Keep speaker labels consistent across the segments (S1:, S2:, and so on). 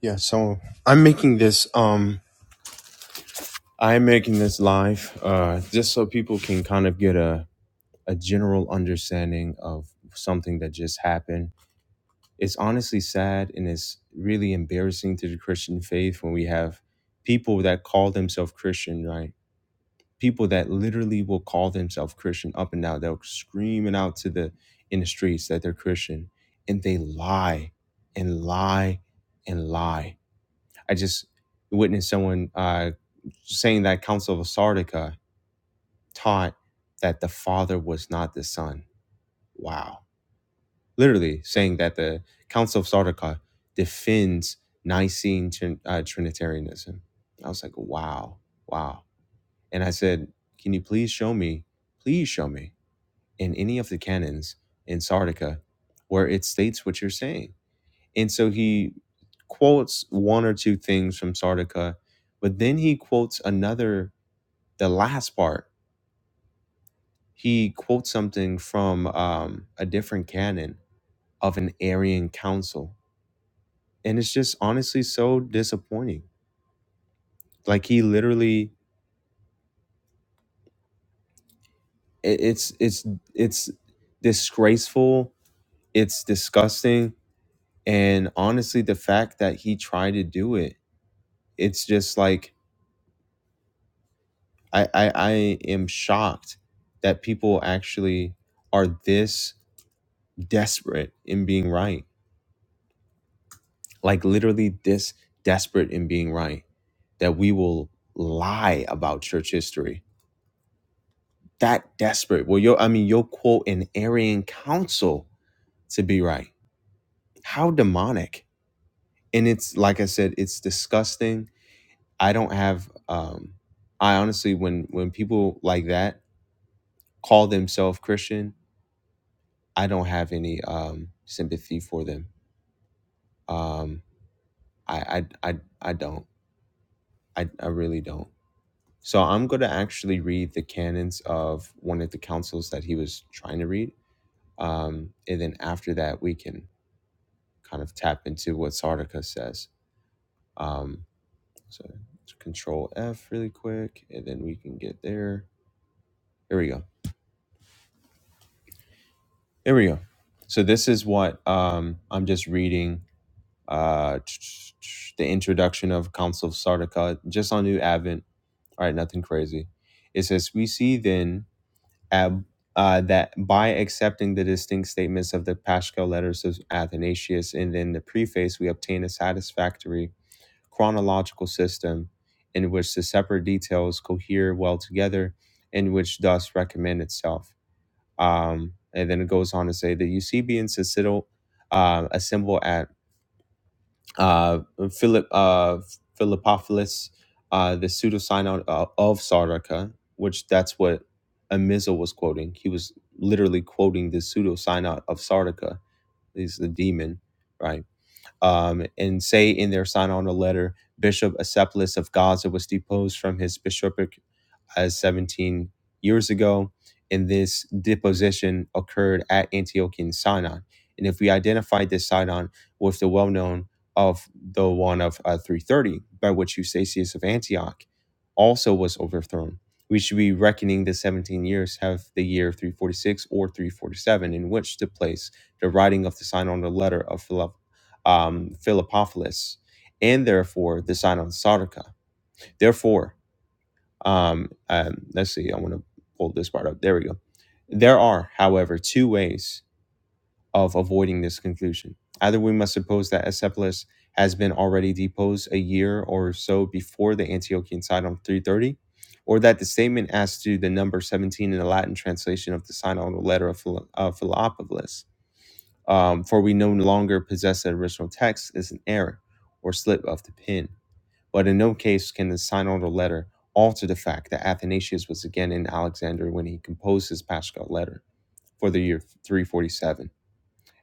S1: Yeah, so I'm making this um I'm making this live uh just so people can kind of get a a general understanding of something that just happened. It's honestly sad and it's really embarrassing to the Christian faith when we have people that call themselves Christian, right? People that literally will call themselves Christian up and down. They'll screaming out to the in the streets that they're Christian and they lie and lie and lie I just witnessed someone uh, saying that Council of Sardica taught that the Father was not the Son. Wow. Literally saying that the Council of Sardica defends Nicene Trin- uh, Trinitarianism. I was like, wow, wow. And I said, can you please show me, please show me in any of the canons in Sardica where it states what you're saying? And so he quotes one or two things from Sardica, but then he quotes another, the last part. He quotes something from um, a different canon of an Arian council. And it's just honestly so disappointing. Like he literally, it, it's, it's, it's disgraceful. It's disgusting. And honestly, the fact that he tried to do it, it's just like, I, I I am shocked that people actually are this desperate in being right. Like literally this desperate in being right that we will lie about church history. That desperate. Well, you'll I mean you'll quote an Arian council to be right. How demonic. And it's like I said, it's disgusting. I don't have um I honestly when when people like that call themselves Christian, I don't have any um, sympathy for them. Um, I, I, I, I don't. I, I really don't. So I'm going to actually read the canons of one of the councils that he was trying to read. Um, and then after that, we can kind of tap into what Sardica says. Um, so control F really quick, and then we can get there. Here we go. Here we go. So this is what um, I'm just reading uh, the introduction of Council of Sardica just on New Advent. All right, nothing crazy. It says, We see then ab, uh, that by accepting the distinct statements of the Paschal letters of Athanasius and then the preface, we obtain a satisfactory chronological system in which the separate details cohere well together and which thus recommend itself. Um, and then it goes on to say the Eusebians assemble, uh, assemble at uh, Philip uh, Philippopolis, uh, the pseudo uh, of Sardica, which that's what Amizel was quoting. He was literally quoting the pseudo of Sardica. He's the demon, right? Um, and say in their sign letter, Bishop Acephalus of Gaza was deposed from his bishopric as 17 years ago, and this deposition occurred at Antiochian Sidon. And if we identified this Sidon with the well known of the one of uh, 330, by which Eustachius of Antioch also was overthrown, we should be reckoning the 17 years have the year 346 or 347 in which took place the writing of the Sidon letter of Philip, um, Philippopolis, and therefore the Sidon Sardica. Therefore, um, um, let's see. I want to pull this part up. There we go. There are, however, two ways of avoiding this conclusion. Either we must suppose that Acephalus has been already deposed a year or so before the Antiochian side on 330, or that the statement as to the number 17 in the Latin translation of the sign on the letter of, Phil- of Philoppolis, um, for we no longer possess the original text, is an error or slip of the pen but in no case can the synodal letter alter the fact that Athanasius was again in Alexandria when he composed his Paschal letter for the year 347.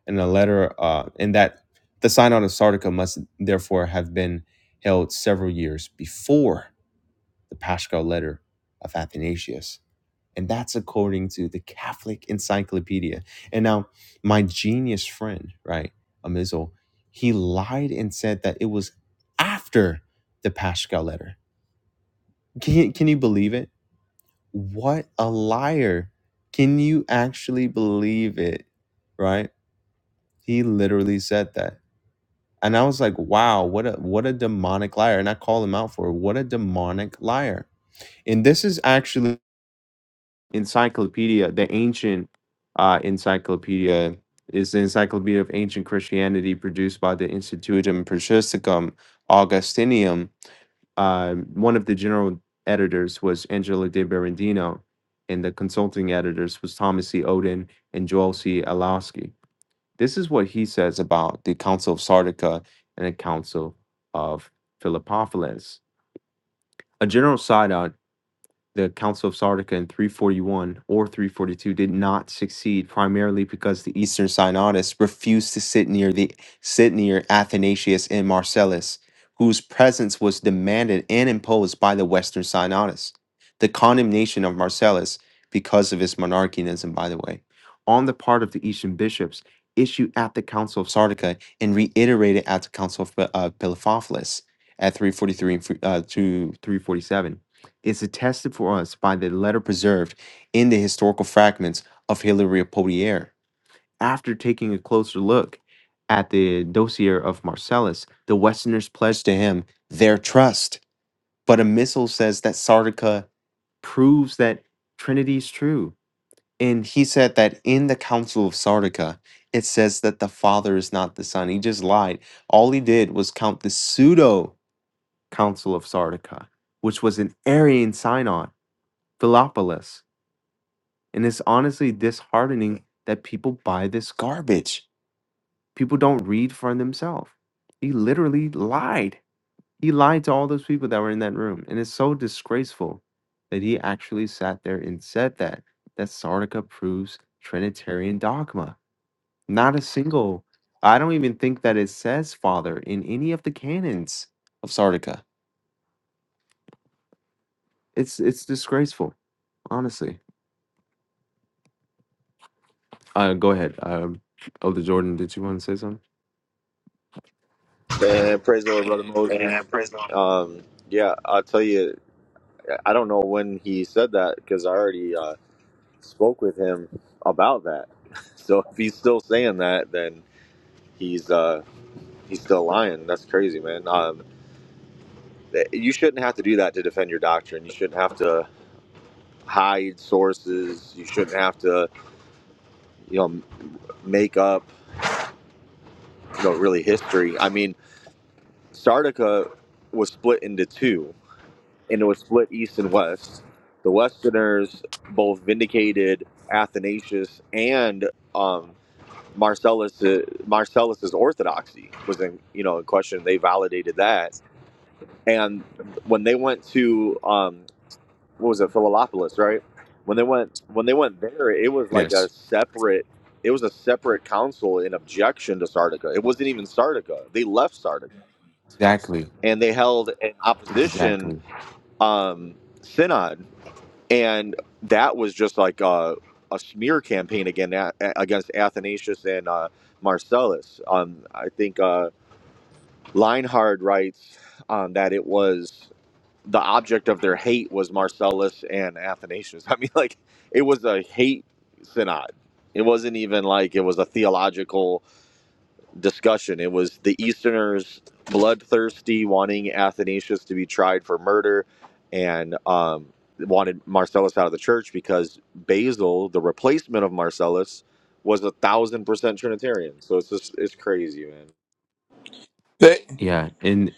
S1: And the letter, uh, and that the synod of Sardica must therefore have been held several years before the Paschal letter of Athanasius. And that's according to the Catholic Encyclopedia. And now, my genius friend, right, Amizel, he lied and said that it was after the Paschal letter. Can you, can you believe it? What a liar. Can you actually believe it? Right? He literally said that. And I was like, wow, what a what a demonic liar. And I call him out for it. What a demonic liar. And this is actually encyclopedia, the ancient uh, encyclopedia is the Encyclopedia of Ancient Christianity produced by the Institutum Patristicum Augustinium um, one of the general editors was Angela De Berendino, and the consulting editors was Thomas C. Oden and Joel C. Alowski. This is what he says about the Council of Sardica and the Council of Philippopolis. A general side the Council of Sardica in 341 or 342 did not succeed primarily because the Eastern Synodists refused to sit near the sit near Athanasius and Marcellus, whose presence was demanded and imposed by the Western Synodists. The condemnation of Marcellus because of his monarchianism, by the way, on the part of the Eastern bishops, issued at the Council of Sardica and reiterated at the Council of Pe- uh, Philophophilus at 343 and uh, to 347 is attested for us by the letter preserved in the historical fragments of Hilary of Poitiers. After taking a closer look at the dossier of Marcellus, the Westerners pledged to him their trust. But a missal says that Sardica proves that Trinity is true. And he said that in the Council of Sardica, it says that the Father is not the Son. He just lied. All he did was count the pseudo Council of Sardica, which was an Arian synod Philopolis. And it's honestly disheartening that people buy this garbage. People don't read for themselves. He literally lied. He lied to all those people that were in that room. And it's so disgraceful that he actually sat there and said that. That Sardica proves Trinitarian dogma. Not a single, I don't even think that it says father in any of the canons of Sardica. It's it's disgraceful, honestly. Uh, go ahead. Um, Elder Jordan, did you want to say something?
S2: Man, praise the Lord, brother Moses.
S1: Yeah, praise the Lord.
S2: Um, yeah, I'll tell you. I don't know when he said that because I already uh, spoke with him about that. So if he's still saying that, then he's uh, he's still lying. That's crazy, man. Um, th- you shouldn't have to do that to defend your doctrine. You shouldn't have to hide sources. You shouldn't have to, you know, m- make up, you know, really history. I mean, Sardica was split into two and it was split east and west. The Westerners both vindicated Athanasius and um, Marcellus Uh, Marcellus's orthodoxy was in you know in question. They validated that, and when they went to um, what was it, Philolopolis, right? When they went when they went there, it was like a
S1: Yes.
S2: separate. It was a separate council in objection to Sardica. It wasn't even Sardica. They left Sardica
S1: Exactly.
S2: and they held an opposition
S1: Exactly.
S2: um, synod and that was just like a, a smear campaign again a- against Athanasius and uh, Marcellus. Um, I think uh, Leinhard writes um, that it was the object of their hate was Marcellus and Athanasius. I mean, like it was a hate synod. It wasn't even like it was a theological discussion. It was the Easterners bloodthirsty, wanting Athanasius to be tried for murder, and um, wanted Marcellus out of the church because Basil, the replacement of Marcellus, was a thousand percent Trinitarian. So it's just it's crazy, man.
S3: They
S1: Yeah. And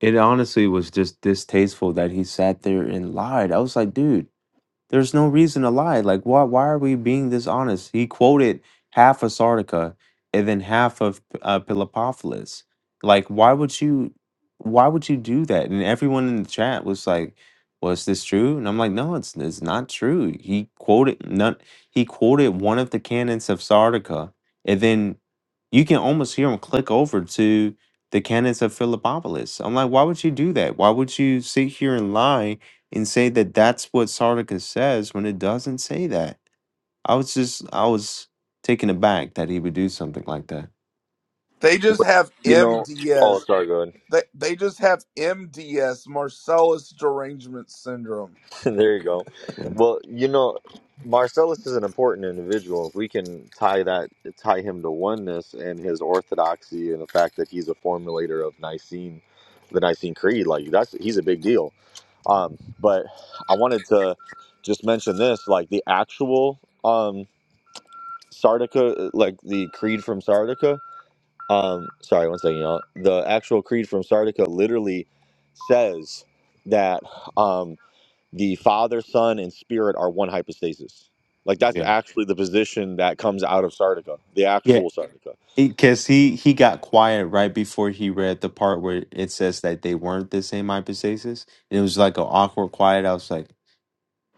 S1: it honestly was just distasteful that he sat there and lied. I was like, dude, There's no reason to lie. Like, why why are we being this honest? He quoted half of Sardica and then half of uh, Philippopolis. Like, why would you why would you do that? And everyone in the chat was like, "Was this true?" And I'm like, "No, it's it's not true." He quoted none. He quoted one of the canons of Sardica, and then you can almost hear him click over to the canons of Philippopolis. I'm like, why would you do that? Why would you sit here and lie and say that that's what Sardica says when it doesn't say that. I was just I was taken aback that he would do something like that.
S3: they just
S2: But,
S3: have
S2: You know. Oh,
S3: MDS.
S2: sorry. Go ahead.
S3: They they just have MDS, Marcellus derangement syndrome.
S2: there you go.
S1: Yeah,
S2: Well, you know, Marcellus is an important individual. If we can tie that, tie him to oneness and his orthodoxy, and the fact that he's a formulator of Nicene, the Nicene Creed, like that's he's a big deal. Um, but I wanted to just mention this, like the actual um, Sardica, like the Creed from Sardica. Um, sorry, one second, y'all. The actual Creed from Sardica literally says that. Um, the Father, Son, and Spirit are one hypostasis. Like that's
S1: yeah,
S2: actually the position that comes out of Sardica, the
S1: yeah.
S2: actual Sardica.
S1: Because he he got quiet right before he read the part where it says that they weren't the same hypostasis. And it was like an awkward quiet. I was like,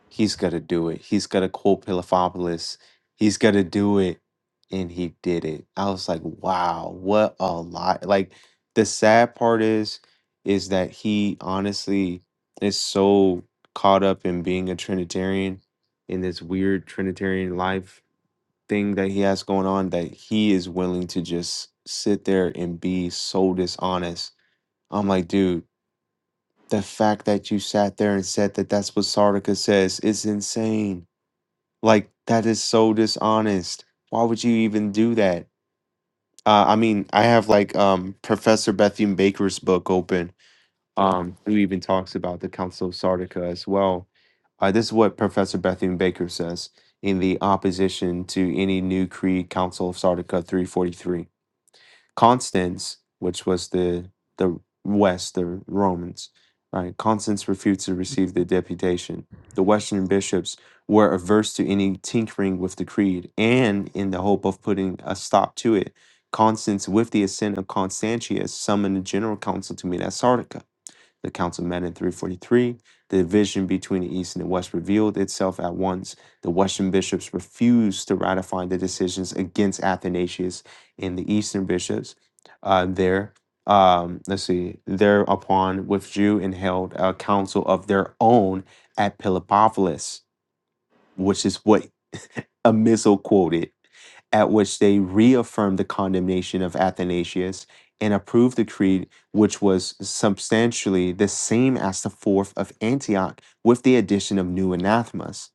S1: He's going to do it. He's going to quote Pilafopoulos. He's going to do it. And he did it. I was like, wow, what a lot. Like, the sad part is, is that he honestly is so caught up in being a Trinitarian in this weird Trinitarian life thing that he has going on that he is willing to just sit there and be so dishonest. I'm like, dude, the fact that you sat there and said that that's what Sardica says is insane like that is so dishonest. Why would you even do that? Uh, I mean, I have like um, Professor Bethune Baker's book open, um, who even talks about the Council of Sardica as well. Uh, this is what Professor Bethune Baker says in the opposition to any new creed, Council of Sardica 343. Constance, which was the the West, the Romans, right? Constance refused to receive the deputation. The Western bishops were averse to any tinkering with the creed, and in the hope of putting a stop to it, Constance, with the assent of Constantius, summoned a general council to meet at Sardica. The council met in 343. The division between the East and the West revealed itself at once. The Western bishops refused to ratify the decisions against Athanasius and the Eastern bishops uh, there. Um, let's see, thereupon withdrew and held a council of their own at Philippopolis, which is what Amiso quoted at which they reaffirmed the condemnation of Athanasius and approved the creed, which was substantially the same as the Fourth of Antioch, with the addition of new anathemas.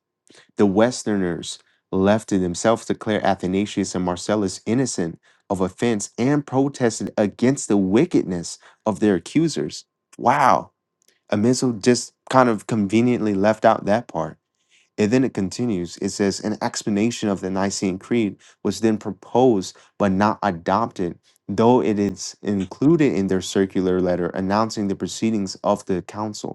S1: The Westerners left to themselves declared Athanasius and Marcellus innocent of offense and protested against the wickedness of their accusers. Wow. Amizel just kind of conveniently left out that part and then it continues. It says, an explanation of the Nicene Creed was then proposed but not adopted, though it is included in their circular letter announcing the proceedings of the council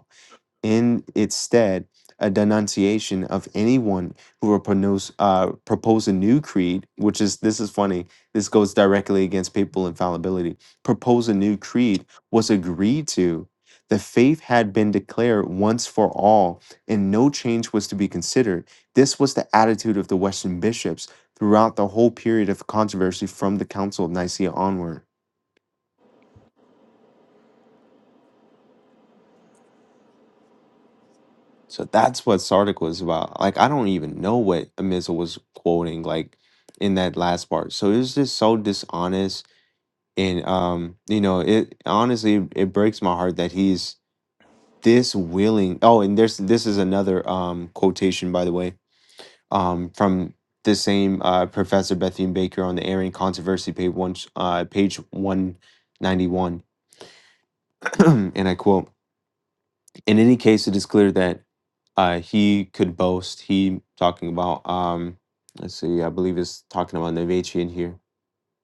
S1: in its stead a denunciation of anyone who will pronounce, uh, propose a new creed, which is this is funny. This goes directly against papal infallibility. Propose a new creed was agreed to. The faith had been declared once for all, and no change was to be considered. This was the attitude of the Western bishops throughout the whole period of controversy from the Council of Nicaea onward. So that's what Sardic was about. Like I don't even know what Amiza was quoting like in that last part. So it was just so dishonest and um you know it honestly it breaks my heart that he's this willing. Oh, and there's this is another um quotation by the way um from the same uh, Professor Bethune Baker on the Aryan controversy page one uh, page one ninety one, and I quote. in any case, it is clear that uh, he could boast. He talking about um, let's see, I believe it's talking about Nevechi in here.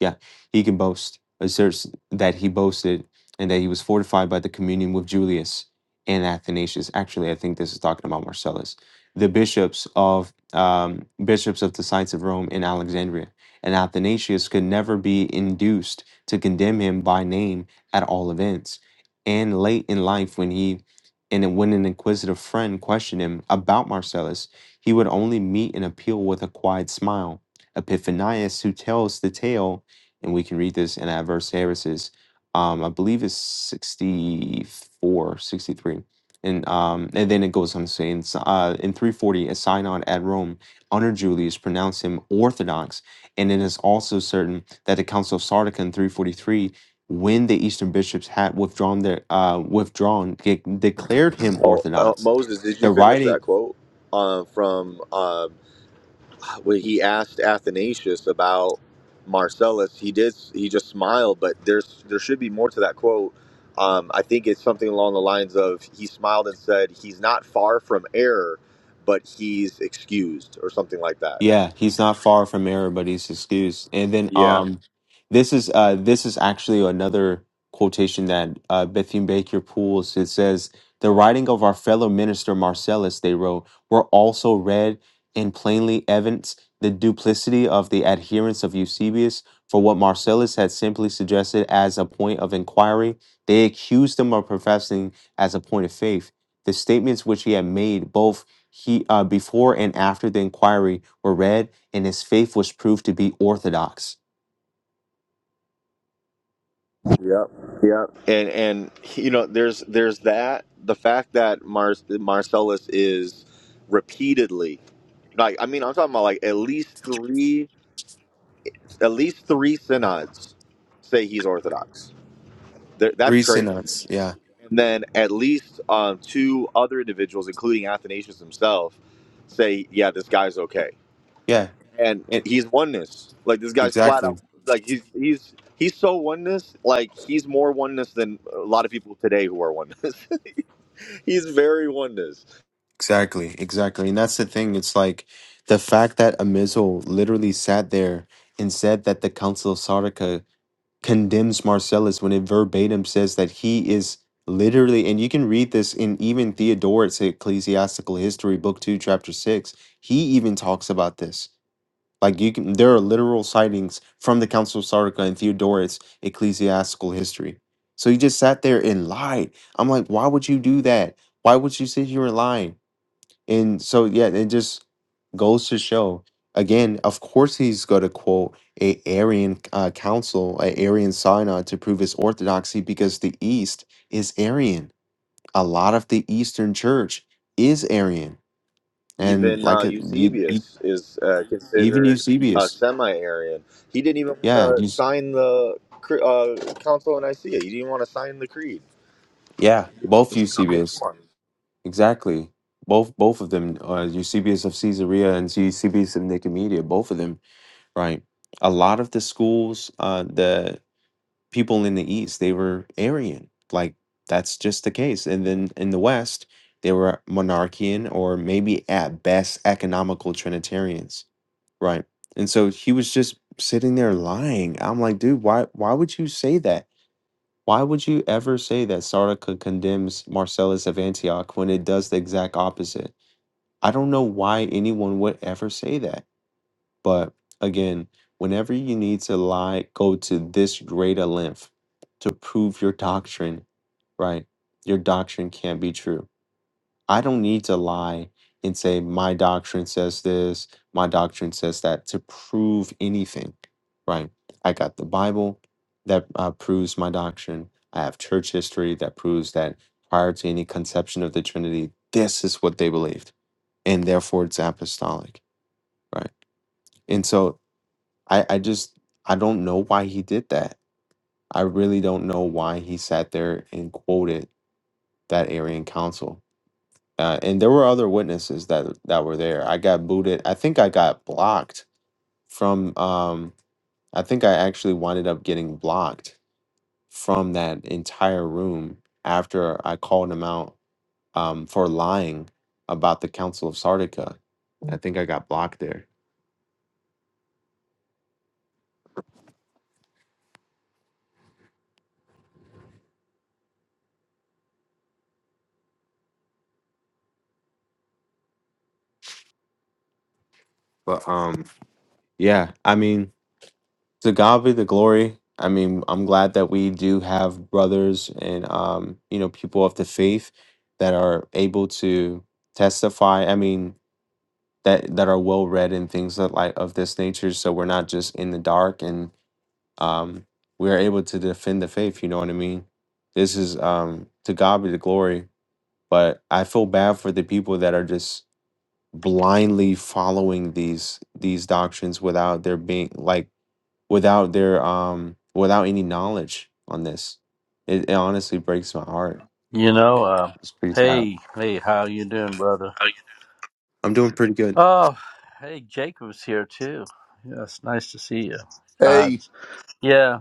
S1: Yeah, he can boast, asserts that he boasted and that he was fortified by the communion with Julius and Athanasius. Actually, I think this is talking about Marcellus, the bishops of um, bishops of the sites of Rome and Alexandria. And Athanasius could never be induced to condemn him by name at all events. And late in life, when he and when an inquisitive friend questioned him about Marcellus, he would only meet an appeal with a quiet smile. Epiphanius, who tells the tale and we can read this in adverse services. Um, I believe it's sixty four, sixty three, And, um, and then it goes on saying in, s- uh, in 340, a synod at Rome under Julius pronounced him orthodox. And it is also certain that the Council of Sardica in 343, when the Eastern bishops had withdrawn their, uh, withdrawn, de- declared him
S2: Oh, uh,
S1: orthodox.
S2: Moses, did you
S1: The
S2: finish
S1: writing
S2: that quote uh, from um when he asked Athanasius about Marcellus? He did. He just smiled, but there's there should be more to that quote. Um, I think it's something along the lines of he smiled and said he's not far from error, but he's excused or something like that.
S1: Yeah, he's not far from error, but he's excused. And then
S2: Yeah.
S1: um this is uh this is actually another quotation that uh Bethune Baker pulls. It says, The writing of our fellow minister Marcellus, they wrote, were also read and plainly evinced the duplicity of the adherents of Eusebius for what Marcellus had simply suggested as a point of inquiry. They accused him of professing as a point of faith. The statements which he had made, both he uh, before and after the inquiry were read, and his faith was proved to be orthodox.
S2: Yep. Yep. And and you know, there's there's that the fact that Mar- Marcellus is repeatedly like I mean I'm talking about like at least three at least three synods say he's Orthodox. Th- that's
S1: Three
S2: crazy.
S1: synods, yeah,
S2: And then at least um, two other individuals, including Athanasius himself, say, yeah, this guy's okay.
S1: yeah,
S2: And
S1: it
S2: he's oneness. Like this guy's flat
S1: exactly,
S2: out. Like he's he's he's so oneness. Like he's more oneness than a lot of people today who are oneness. He's very oneness.
S1: exactly, exactly, and that's the thing. It's like the fact that Amizel literally sat there and said that the Council of Sardica condemns Marcellus when it verbatim says that he is literally, and you can read this in even Theodoret's Ecclesiastical History, Book Two, Chapter Six. He even talks about this. Like you can, there are literal sightings from the Council of Sardica and Theodoret's ecclesiastical history. So he just sat there and lied. I'm like, why would you do that? Why would you sit here and lie? And so yeah, it just goes to show. Again, of course, he's going to quote a Arian uh, council, a Arian synod to prove his orthodoxy because the East is Arian. A lot of the Eastern Church is Arian, and
S2: Even
S1: like
S2: uh,
S1: uh, you, you-
S2: Eusebius is uh,
S1: even
S2: considered a
S1: Eusebius,
S2: semi-Arian. He didn't even want
S1: yeah, you
S2: to sign the cre- uh, Council of Nicaea. He didn't want to sign the creed.
S1: Yeah, both
S2: I mean,
S1: Eusebius.
S2: come
S1: Exactly. Both both of them, uh, Eusebius of Caesarea and Eusebius of Nicomedia, both of them, right? A lot of the schools, uh, the people in the East, they were Arian. Like that's just the case. And then in the West, they were monarchian or maybe at best economical Trinitarians, right? And so he was just sitting there lying. I'm like, dude, why why would you say that? Why would you ever say that Sardica condemns Marcellus of Antioch when it does the exact opposite? I don't know why anyone would ever say that. But again, whenever you need to lie, go to this great a length to prove your doctrine, right? Your doctrine can't be true. I don't need to lie and say my doctrine says this, my doctrine says that to prove anything, right? I got the Bible that uh, proves my doctrine. I have church history that proves that prior to any conception of the Trinity, this is what they believed, and therefore it's apostolic, right? And so I, I just I don't know why he did that. I really don't know why he sat there and quoted that Arian council uh, and there were other witnesses that that were there. I got booted. I think I got blocked from. Um, I think I actually winded up getting blocked from that entire room after I called him out um, for lying about the Council of Sardica. I think I got blocked there. But um, yeah, I mean, to God be the glory. I mean, I'm glad that we do have brothers and um, you know people of the faith that are able to testify. I mean, that that are well read and things that like of this nature so we're not just in the dark and um we're able to defend the faith you know what i mean this is um to god be the glory but i feel bad for the people that are just blindly following these these doctrines without their being like without their um without any knowledge on this it, it honestly breaks my heart
S4: You know, uh,
S1: it's pretty sad
S4: hey, hey, how you doing, brother?
S1: i'm doing pretty good
S4: Oh, hey, Jacob's here too. Yeah, it's nice to see you.
S3: Hey,
S4: God's, yeah.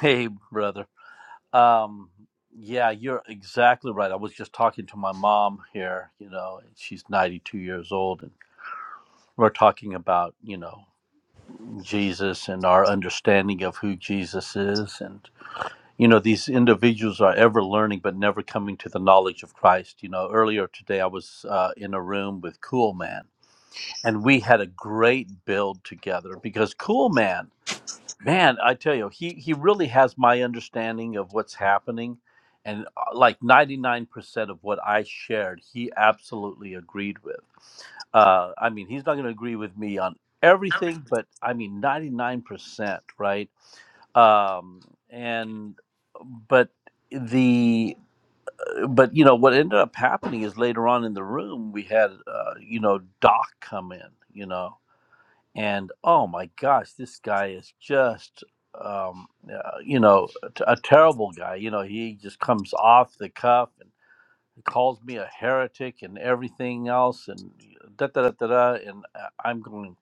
S4: Hey, brother. Um, yeah, you're exactly right. I was just talking to my mom here. You know, and she's 92 years old, and we're talking about you know Jesus and our understanding of who Jesus is, and. you know these individuals are ever learning but never coming to the knowledge of christ you know earlier today i was uh, in a room with cool man and we had a great build together because cool man man i tell you he he really has my understanding of what's happening and uh, like 99% of what i shared he absolutely agreed with uh, I mean, he's not going to agree with me on everything, but I mean, 99%, right? Um, and, but the, but, you know, what ended up happening is later on in the room, we had, uh, you know, Doc come in, you know, and oh my gosh, this guy is just, um, uh, you know, a, a terrible guy. You know, he just comes off the cuff he calls me a heretic and everything else, and da da da da da. And I- am going,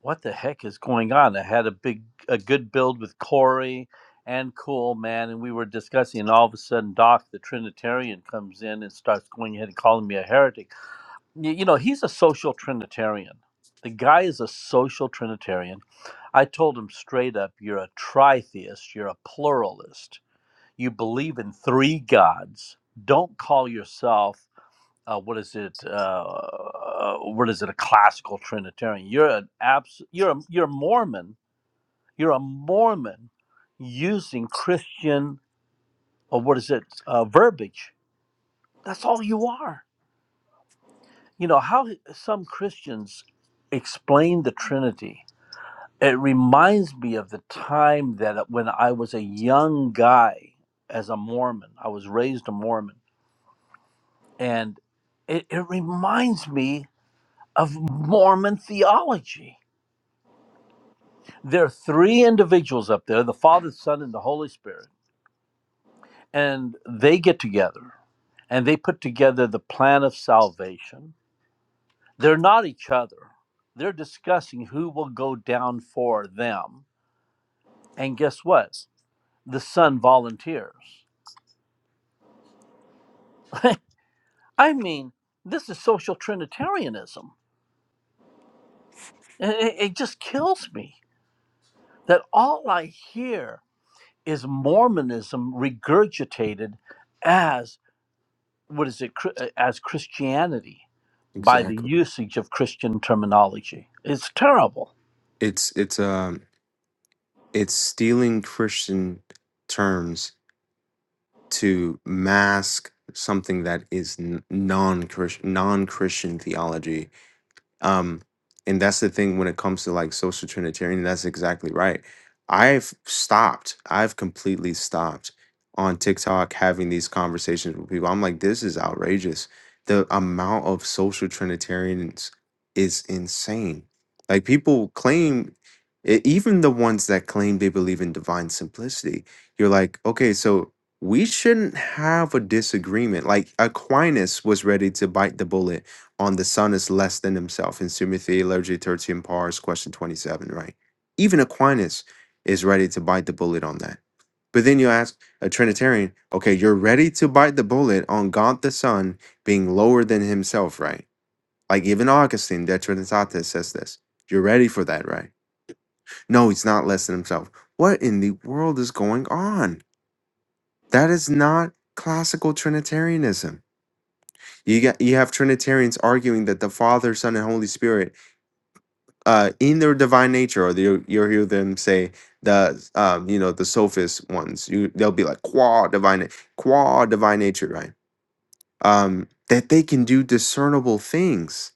S4: what the heck is going on? I had a big, a good build with Corey and Cool Man, and we were discussing, and all of a sudden, Doc, the Trinitarian, comes in and starts going ahead and calling me a heretic. Y- You know, he's a social Trinitarian. The guy is a social Trinitarian. I told him straight up, you're a tritheist, you're a pluralist, you believe in three gods. Don't call yourself uh, what is it? Uh, uh, what is it? A classical Trinitarian. You're an abs- You're a, you're a Mormon. You're a Mormon using Christian or what is it? Uh, verbiage. That's all you are. You know how some Christians explain the Trinity. It reminds me of the time that uh, when I was a young guy as a Mormon, I was raised a Mormon, and it, it reminds me of Mormon theology There are three individuals up there the Father, Son, and the Holy Spirit. And they get together and they put together the plan of salvation. They're not each other, they're discussing who will go down for them. And guess what? The Son volunteers. I mean, this is social Trinitarianism. It, it- just kills me that all I hear is Mormonism regurgitated as. what is it Chri- uh, as Christianity by the
S1: exactly
S4: usage of Christian terminology. It's terrible.
S1: it's it's um it's stealing Christian terms to mask something that is non non Christian theology um and that's the thing when it comes to like social trinitarian that's exactly right i've stopped i've completely stopped on tiktok having these conversations with people i'm like this is outrageous the amount of social trinitarians is insane like people claim e- even the ones that claim they believe in divine simplicity you're like okay so we shouldn't have a disagreement like aquinas was ready to bite the bullet on the Son is less than himself in Summa Theologiae Tertium Pars, question 27, right? Even Aquinas is ready to bite the bullet on that. But then you ask a Trinitarian, okay, you're ready to bite the bullet on God the Son being lower than himself, right? Like even Augustine, De Trinitate, says this. You're ready for that, right? No, he's not less than himself. What in the world is going on? That is not classical Trinitarianism. You got you have Trinitarians arguing that the Father, Son, and Holy Spirit uh, in their divine nature, or you you'll hear them say the um, you know the sophist ones. You they'll be like qua divine, na- qua divine nature, right? Um, that they can do discernible things.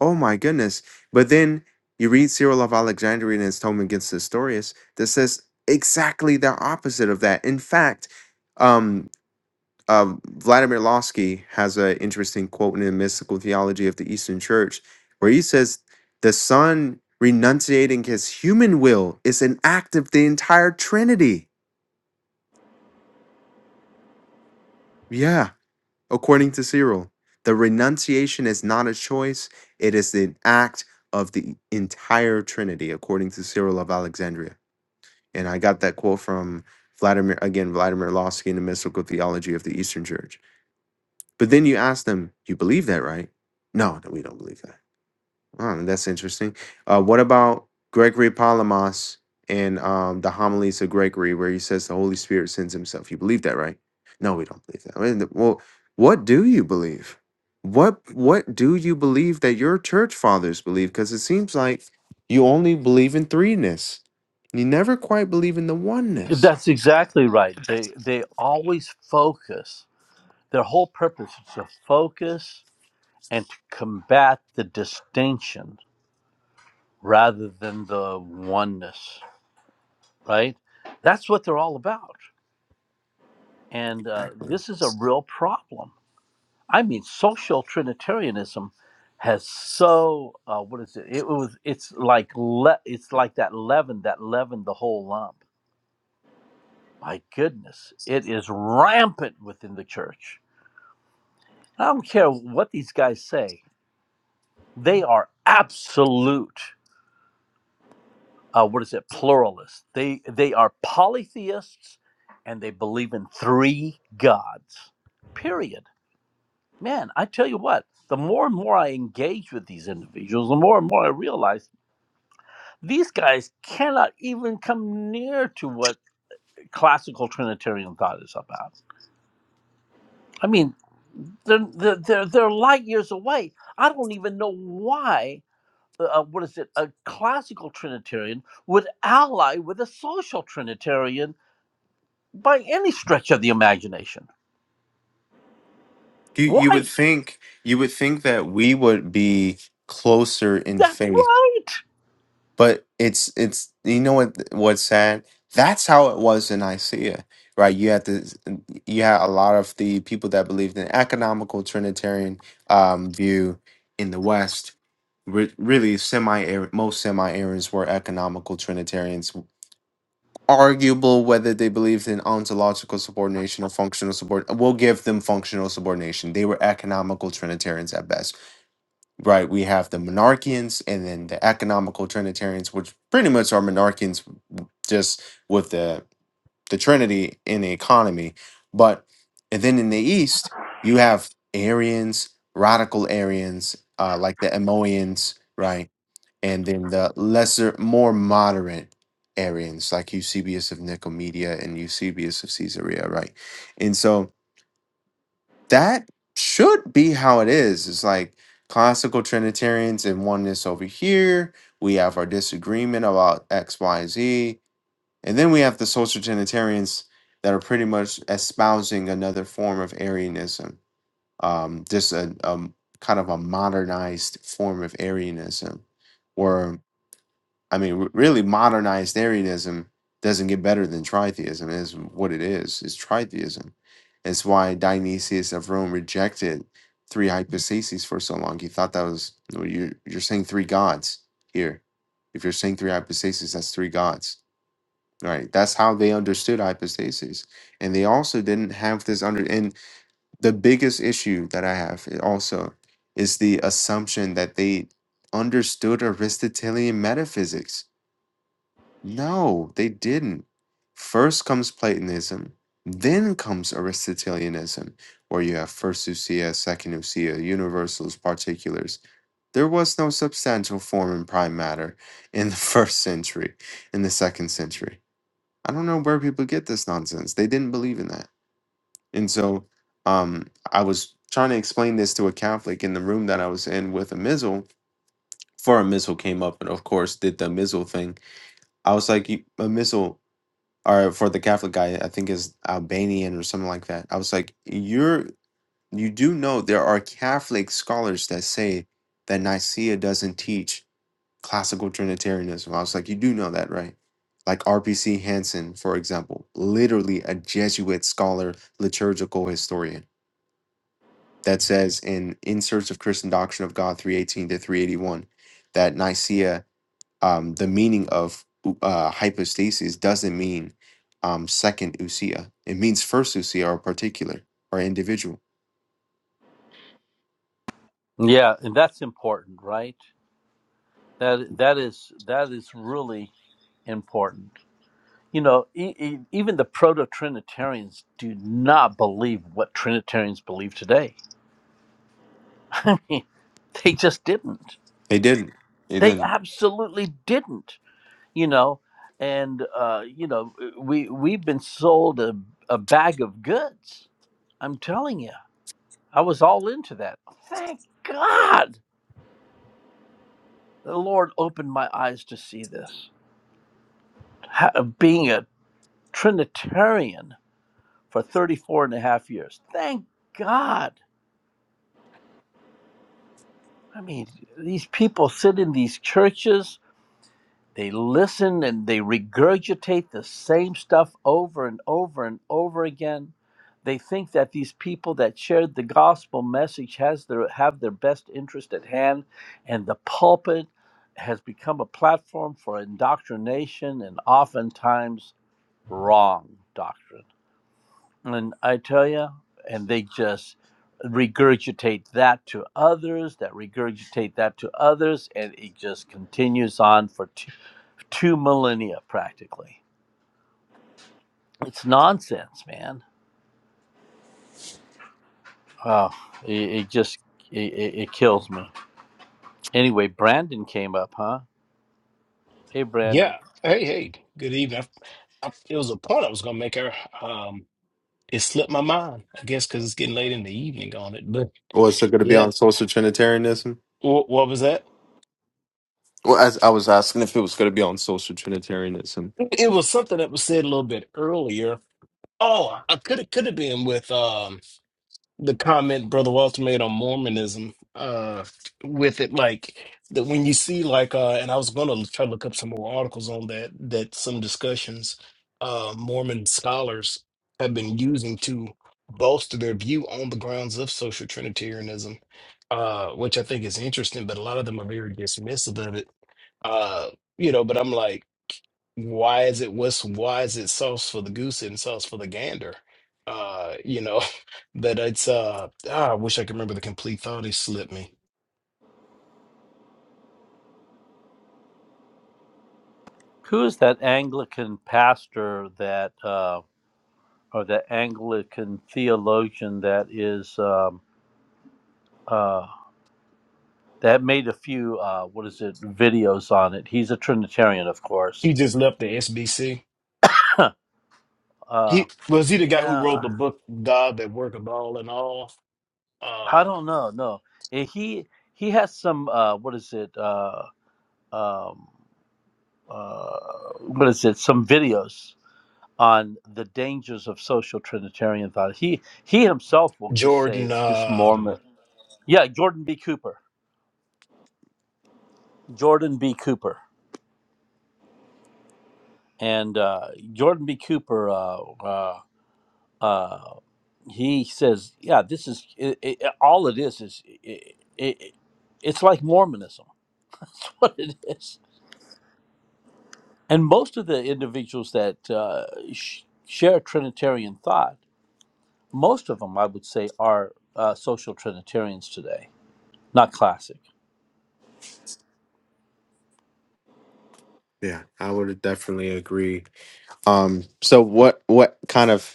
S1: Oh my goodness! But then you read Cyril of Alexandria in his tome against Nestorius that says exactly the opposite of that. In fact. um, uh, Vladimir Losky has an interesting quote in the Mystical Theology of the Eastern Church, where he says, The Son renunciating his human will is an act of the entire Trinity. Yeah, according to Cyril, the renunciation is not a choice, it is an act of the entire Trinity, according to Cyril of Alexandria. And I got that quote from Vladimir, again, Vladimir Losky in the Mystical Theology of the Eastern Church. But then you ask them, you believe that, right? No, no, we don't believe that. Oh, that's interesting. Uh, what about Gregory Palamas and um, the homilies of Gregory, where he says the Holy Spirit sends himself? You believe that, right? No, we don't believe that. Well, th- well, what do you believe? What what do you believe that your church fathers believe? Because it seems like you only believe in threeness. You never quite believe in the oneness.
S4: That's exactly right. They they always focus. Their whole purpose is to focus and to combat the distinction rather than the oneness. Right. That's what they're all about. And uh,
S1: Exactly.
S4: this is a real problem I mean, social Trinitarianism has so uh, what is it? It was it's like le- it's like that leaven that leavened the whole lump. My goodness, it is rampant within the church. I don't care what these guys say; they are absolute. Uh, what is it? Pluralists. They they are polytheists, and they believe in three gods. Period. Man, I tell you what. The more and more I engage with these individuals, the more and more I realize These guys cannot even come near to what classical Trinitarian thought is about. I mean, they're, they're, they're, they're light years away. I don't even know why, uh, uh, what is it, a classical Trinitarian would ally with a social Trinitarian by any stretch of the imagination.
S1: You you would
S4: Why?
S1: think you would think that we would be closer in
S4: That's
S1: faith,
S4: right.
S1: but it's it's you know what what's sad? That's how it was in Nicaea, right? You had the you had a lot of the people that believed in economical Trinitarian um, view in the West. Re- really, semi most semi Arians were economical Trinitarians arguable whether they believed in ontological subordination or functional subordination. We'll give them functional subordination. They were economical Trinitarians at best, right? We have the monarchians and then the economical Trinitarians, which pretty much are monarchians just with the, the Trinity in the economy. But and then in the East, you have Arians, radical Arians, uh, like the Emoians, right? and then the lesser, more moderate Arians, like Eusebius of Nicomedia and Eusebius of Caesarea, right? And so that should be how it is. It's like classical Trinitarians and oneness over here. We have our disagreement about X, Y, Z. And then we have the social Trinitarians that are pretty much espousing another form of Arianism, um, just a, a kind of a modernized form of Arianism. where I mean, r- really, modernized Arianism doesn't get better than tritheism. Is what it is. It's tritheism. It's why Dionysius of Rome rejected three hypostases for so long. He thought that was well, you. You're saying three gods here. If you're saying three hypostases, that's three gods, right? That's how they understood hypostases, and they also didn't have this under. And the biggest issue that I have i- also is the assumption that they understood Aristotelian metaphysics no, they didn't. First comes Platonism, then comes Aristotelianism, where you have first ousia, second ousia, universals, particulars. There was no substantial form in prime matter in the first century, in the second century. I don't know where people get this nonsense. They didn't believe in that. And so um, I was trying to explain this to a Catholic in the room that I was in with a missile. For a missile came up and, of course, did the missile thing. I was like, you, a missile or for the Catholic guy, I think is Albanian or something like that. I was like, you're you do know there are Catholic scholars that say that Nicaea doesn't teach classical Trinitarianism. I was like, you do know that, right? Like RPC Hansen, for example, literally a Jesuit scholar, liturgical historian, that says in In Search of Christian Doctrine of God, 318 to 381, that Nicaea um, the meaning of uh, hypostasis doesn't mean um, second usia. It means first usia or particular or individual.
S4: Yeah, and that's important, right? That that is that is really important. You know, e- e- even the proto Trinitarians do not believe what Trinitarians believe today. they just didn't.
S1: They didn't. They
S4: They
S1: didn't.
S4: absolutely didn't. You know, and uh, you know, we we've been sold a, a bag of goods. I'm telling you, I was all into that. Thank God the Lord opened my eyes to see this. Ha- Being a Trinitarian for 34 and a half years. Thank God. I mean, these people sit in these churches, they listen and they regurgitate the same stuff over and over and over again. They think that these people that shared the gospel message has their have their best interest at hand, and the pulpit has become a platform for indoctrination and oftentimes wrong doctrine. And I tell you, and they just regurgitate that to others, that regurgitate that to others, and it just continues on for two, two millennia practically. It's nonsense, man. Oh, it, it just it, it it kills me. Anyway, Brandon came up, huh? Hey, Brandon,
S5: Yeah. Hey, hey. Good evening. I, I- it was a point I was gonna make her. Um, it slipped my mind. I guess because it's getting late in the evening on it. But
S1: Was it going to be
S5: yeah,
S1: on social Trinitarianism?
S5: what, what was that?
S1: Well, as I was asking if it was going to be on social Trinitarianism.
S5: It was something that was said a little bit earlier. Oh, I could have could have been with. um. the comment Brother Walter made on Mormonism, uh, with it like that when you see like uh, and I was gonna try to look up some more articles on that that some discussions uh Mormon scholars have been using to bolster their view on the grounds of social Trinitarianism, uh, which I think is interesting, but a lot of them are very dismissive of it. Uh, you know, but I'm like why is it what's why is it sauce for the goose and sauce for the gander? Uh, you know, that it's uh ah, I wish I could remember the complete thought. He slipped me.
S4: who is that Anglican pastor that, uh, or that Anglican theologian that is? Um, uh, that made a few uh, what is it videos on it. He's a Trinitarian, of course.
S5: He just left the SBC.
S4: uh,
S5: He was he the guy who
S4: yeah,
S5: wrote the book God that work of all and all?
S4: I
S5: Uh
S4: don't know. No, Eh, he he has some uh, what is it? Uh, um, uh, what is it? Some videos on the dangers of social Trinitarian thought. He he himself will just say
S5: Jordan
S4: it's just Mormon.
S5: um
S4: Yeah, Jordan B. Cooper. Jordan B. Cooper. And uh, Jordan B. Cooper. Uh, uh, uh, he says, "Yeah, this is it, it, all it is. Is it, it, it's like Mormonism, That's what it is." And most of the individuals that uh, sh- share Trinitarian thought, most of them, I would say, are uh, social Trinitarians today, not classic.
S1: Yeah, I would definitely agree. Um, so what? What kind of?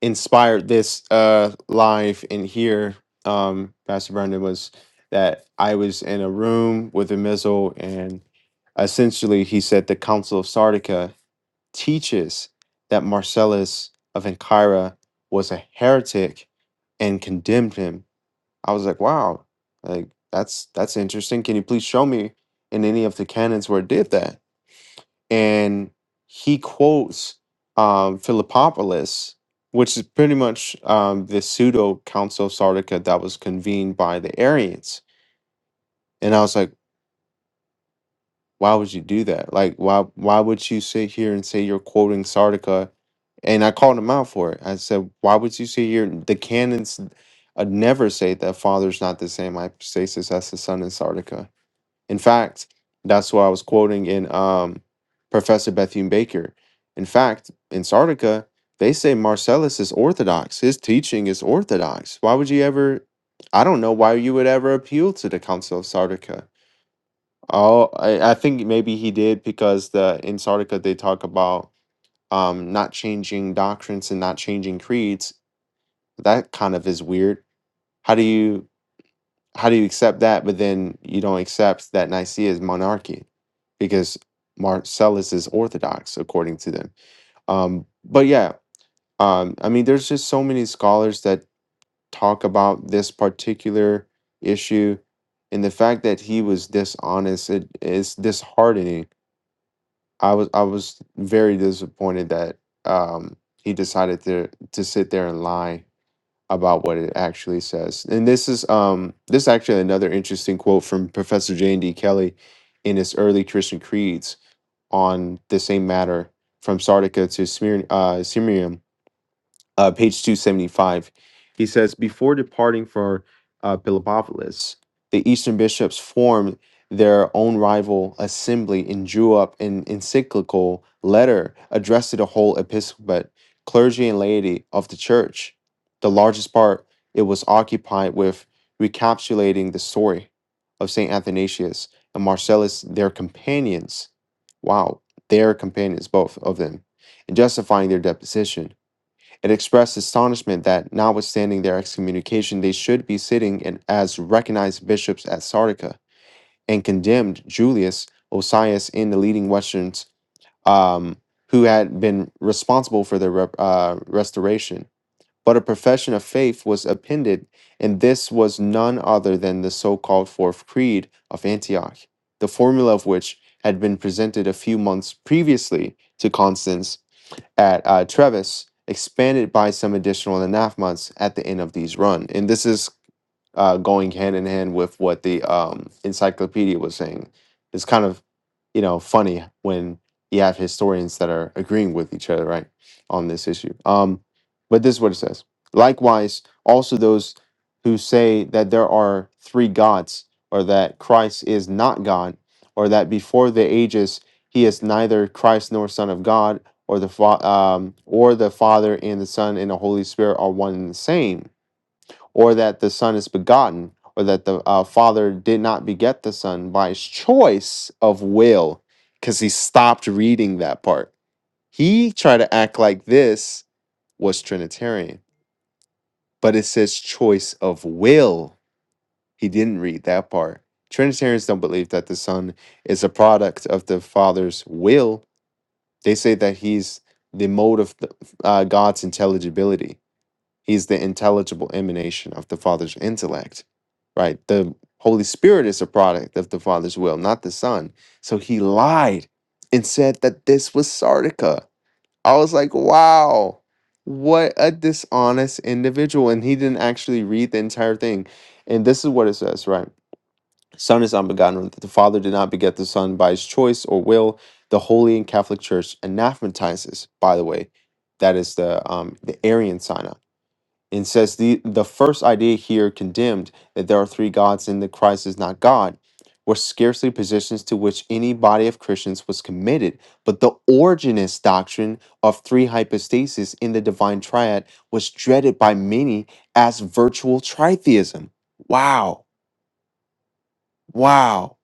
S1: inspired this uh live in here, um, Pastor Brendan, was that I was in a room with a missile and essentially he said the Council of Sardica teaches that Marcellus of Ancyra was a heretic and condemned him. I was like, wow, like that's that's interesting. Can you please show me in any of the canons where it did that? and he quotes um, Philippopolis, which is pretty much um, the pseudo Council of Sardica that was convened by the Arians. And I was like, why would you do that? Like, why why would you sit here and say you're quoting Sardica? And I called him out for it. I said, why would you sit here? The canons uh, never say that Father's not the same hypostasis as the Son in Sardica In fact, that's why I was quoting in um, Professor Bethune Baker. In fact, in Sardica, they say Marcellus is orthodox. His teaching is orthodox. Why would you ever? I don't know why you would ever appeal to the Council of Sardica. Oh, I, I think maybe he did because the in Sardica they talk about um, not changing doctrines and not changing creeds. That kind of is weird. How do you? how do you accept that? But then you don't accept that Nicaea is monarchy because Marcellus is Orthodox according to them. Um, but yeah, um, I mean, there's just so many scholars that talk about this particular issue, and the fact that he was dishonest it is disheartening. I was I was very disappointed that um, he decided to to sit there and lie about what it actually says. And this is um this is actually another interesting quote from Professor J. and D. Kelly in his early Christian creeds on the same matter from Sardica to Smyrna, uh, Sirmium uh, page 275. He says, Before departing for uh, Philippopolis, the Eastern bishops formed their own rival assembly and drew up an encyclical letter addressed to the whole episcopate, clergy, and laity of the church. The largest part it was occupied with recapitulating the story of St. Athanasius and Marcellus, their companions. Wow, their companions, both of them, and justifying their deposition. It expressed astonishment that, notwithstanding their excommunication, they should be sitting in, as recognized bishops at Sardica, and condemned Julius Osias and the leading Westerns um, who had been responsible for their rep, uh, restoration. But a profession of faith was appended, and this was none other than the so called Fourth Creed of Antioch, the formula of which had been presented a few months previously to Constance at uh, Trevis, expanded by some additional anathemas at the end of these run. And this is uh, going hand in hand with what the um, encyclopedia was saying. It's kind of, you know, funny when you have historians that are agreeing with each other, right, on this issue. Um, but this is what it says. Likewise, also those who say that there are three gods, or that Christ is not God, or that before the ages he is neither Christ nor Son of God, or the fa- um, or the Father and the Son and the Holy Spirit are one and the same or that the Son is begotten, or that the uh, Father did not beget the Son by his choice of will, because he stopped reading that part. He tried to act like this was Trinitarian, but it says choice of will. He didn't read that part. Trinitarians don't believe that the Son is a product of the Father's will. They say that he's the mode of the, uh, God's intelligibility He's the intelligible emanation of the Father's intellect, right? The Holy Spirit is a product of the Father's will, not the Son. So he lied and said that this was Sardica. I was like, wow, what a dishonest individual. And he didn't actually read the entire thing. And this is what it says, right? Son is unbegotten, that the Father did not beget the Son by his choice or will. The Holy and Catholic Church anathematizes, by the way. That is the um, the Arian synopsis and says the the first idea here condemned that there are three gods and that Christ is not God were scarcely positions to which any body of Christians was committed, but the originist doctrine of three hypostases in the divine triad was dreaded by many as virtual tritheism. Wow. Wow.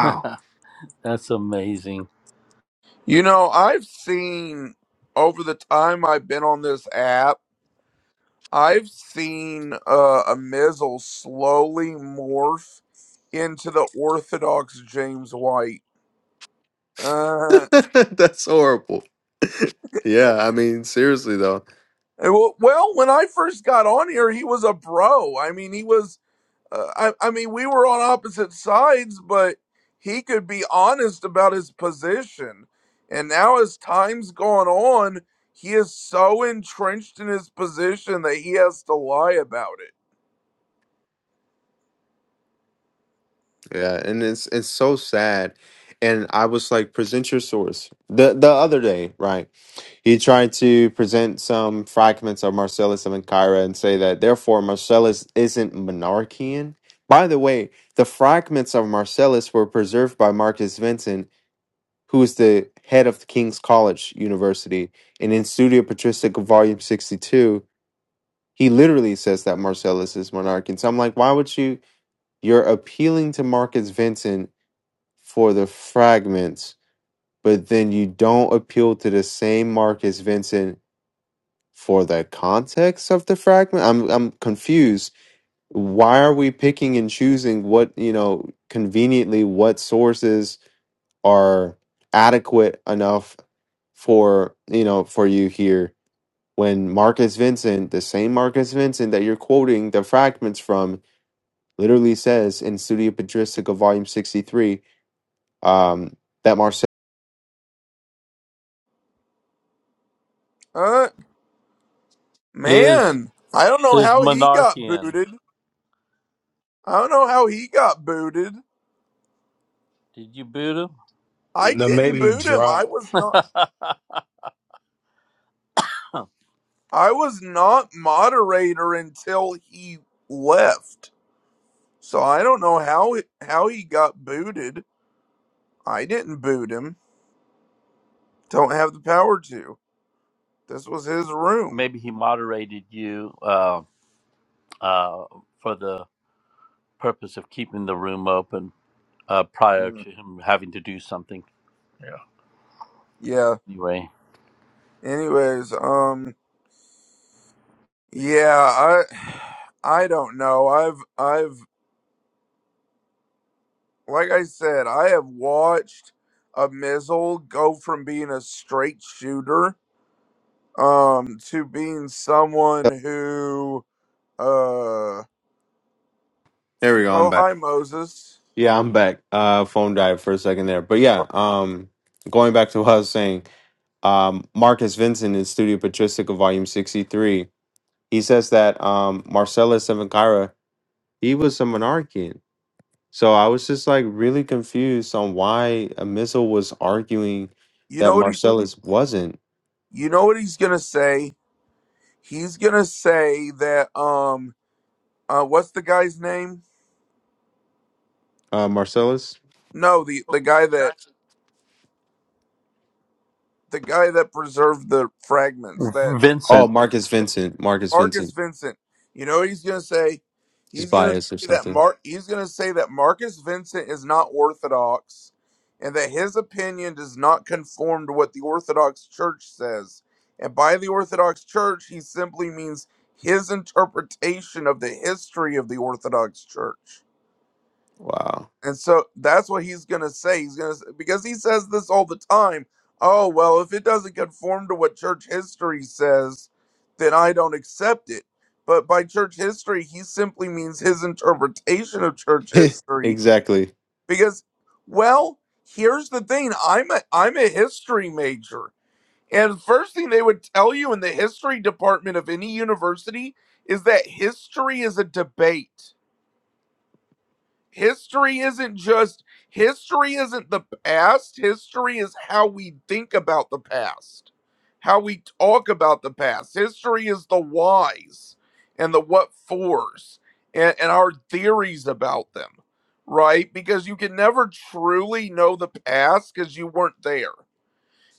S4: That's amazing.
S3: you know, I've seen over the time I've been on this app, I've seen uh, a Mizzle slowly morph into the Orthodox James White. Uh,
S1: That's horrible. Yeah, I mean seriously though.
S3: well, well, when I first got on here, he was a bro. I mean, he was. Uh, I, I mean, we were on opposite sides, but he could be honest about his position. And now, as time's gone on, he is so entrenched in his position that he has to lie about it.
S1: Yeah, and it's it's so sad. And I was like, present your source. The the other day, right? He tried to present some fragments of Marcellus of Ancyra and say that therefore Marcellus isn't monarchian. By the way, the fragments of Marcellus were preserved by Marcus Vincent, who is the head of King's College University, and in Studio Patristica Volume 62, he literally says that Marcellus is monarchian. So I'm like, why would you you're appealing to Marcus Vincent for the fragments, but then you don't appeal to the same Marcus Vincent for the context of the fragment. I'm I'm confused. Why are we picking and choosing what, you know, conveniently what sources are adequate enough for, you know, for you here when Marcus Vincent, the same Marcus Vincent that you're quoting the fragments from, literally says in Studia Patristica Volume 63, um, that Marcel.
S3: Huh?
S4: Is
S3: Man, I don't know
S4: is
S3: how he got
S4: monarchian?
S3: booted. I don't know how he got booted.
S4: Did you boot
S3: I
S5: no
S3: didn't
S5: maybe
S3: boot him. I
S5: drop.
S3: was not.
S4: him?
S3: I was not moderator until he left. So I don't know how it, how he got booted. I didn't boot him. Don't have the power to. This was his room.
S4: maybe he moderated you uh, uh, for the purpose of keeping the room open uh, prior
S3: Mm.
S4: to him having to do something. Yeah.
S3: Yeah.
S4: Anyway,
S3: Anyways, um yeah, I I don't know. I've I've like I said, I have watched a Mizzle go from being a straight shooter um to being someone who uh oh
S1: There we go. I'm back.
S3: hi Moses.
S1: Yeah, I'm back. Uh, phone died for a second there, but yeah. Um, going back to what I was saying, um, Marcus Vincent in Studio Patristica, Volume 63, he says that um, Marcellus of Ankara, he was a monarchian. So I was just like really confused on why Amizel was arguing
S3: You
S1: that
S3: know what he
S1: Marcellus wasn't.
S3: you know what he's gonna say? He's gonna say that um uh what's the guy's name?
S1: Uh, Marcellus?
S3: No, the the guy that the guy that preserved the fragments, that
S1: Oh,
S4: Vincent,
S1: Marcus Vincent. Marcus
S3: Marcus
S1: Vincent.
S3: Vincent. You know what he's gonna say?
S1: He's
S3: He's gonna
S1: biased or
S3: say that
S1: something.
S3: Mark. He's gonna say that Marcus Vincent is not orthodox, and that his opinion does not conform to what the Orthodox Church says. And by the Orthodox Church, he simply means his interpretation of the history of the Orthodox Church.
S1: Wow.
S3: And so that's what he's going to say. He's going to because he says this all the time. Oh, well, if it doesn't conform to what church history says, then I don't accept it. But by church history, he simply means his interpretation of church history
S1: exactly.
S3: because well, here's the thing. I'm a I'm a history major. And the first thing they would tell you in the history department of any university is that history is a debate History isn't just history isn't the past. History is how we think about the past, how we talk about the past. History is the whys and the what fors and, and our theories about them, right? Because you can never truly know the past because you weren't there.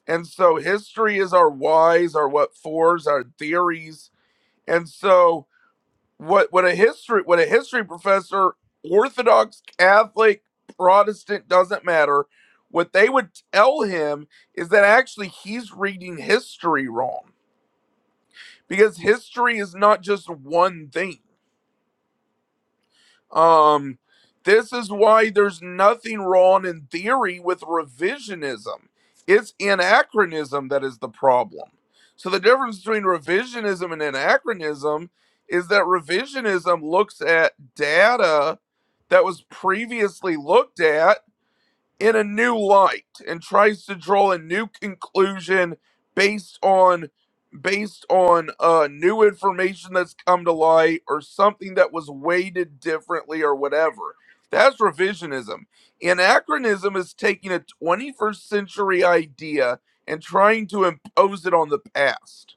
S3: And so history is our whys, our what fors, our theories. And so what what a history what a history professor orthodox catholic protestant doesn't matter what they would tell him is that actually he's reading history wrong because history is not just one thing um, this is why there's nothing wrong in theory with revisionism. It's anachronism that is the problem. So the difference between revisionism and anachronism is that revisionism looks at data that was previously looked at in a new light and tries to draw a new conclusion based on based on uh new information that's come to light or something that was weighted differently or whatever that's revisionism anachronism is taking a 21st century idea and trying to impose it on the past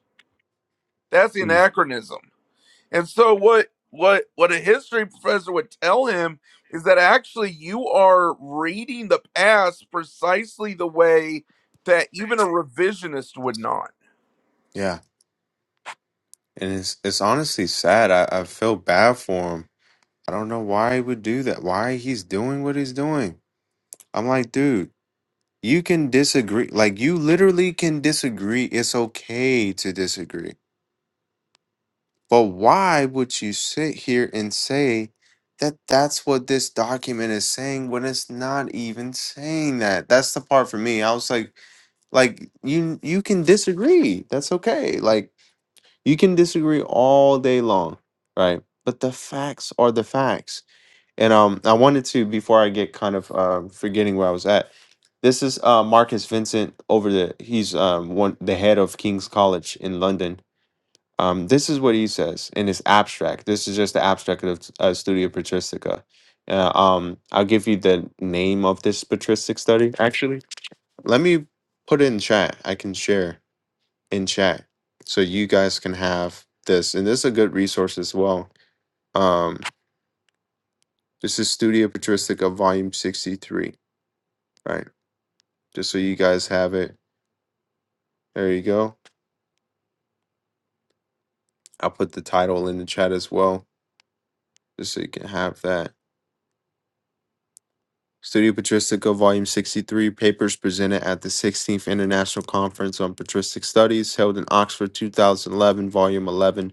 S3: that's
S1: Mm.
S3: anachronism and so what what what a history professor would tell him is that actually you are reading the past precisely the way that even a revisionist would not.
S1: Yeah. and it's it's honestly sad. I, I feel bad for him. I don't know why he would do that. Why he's doing what he's doing. I'm like, dude, you can disagree. Like you literally can disagree. It's okay to disagree. But why would you sit here and say that that's what this document is saying when it's not even saying that? That's the part for me. I was like, like you you can disagree. That's okay. Like You can disagree all day long, right? But the facts are the facts. And um, I wanted to before I get kind of uh, forgetting where I was at. This is uh, Marcus Vincent over the he's um, one the head of King's College in London. Um, this is what he says in his abstract. This is just the abstract of uh, Studio Patristica. Uh, um, I'll give you the name of this patristic study. Actually, let me put it in chat. I can share in chat so you guys can have this and this is a good resource as well um this is studio patristica volume 63 right just so you guys have it there you go i'll put the title in the chat as well just so you can have that studio patristica volume 63 papers presented at the 16th international conference on patristic studies held in oxford 2011 volume 11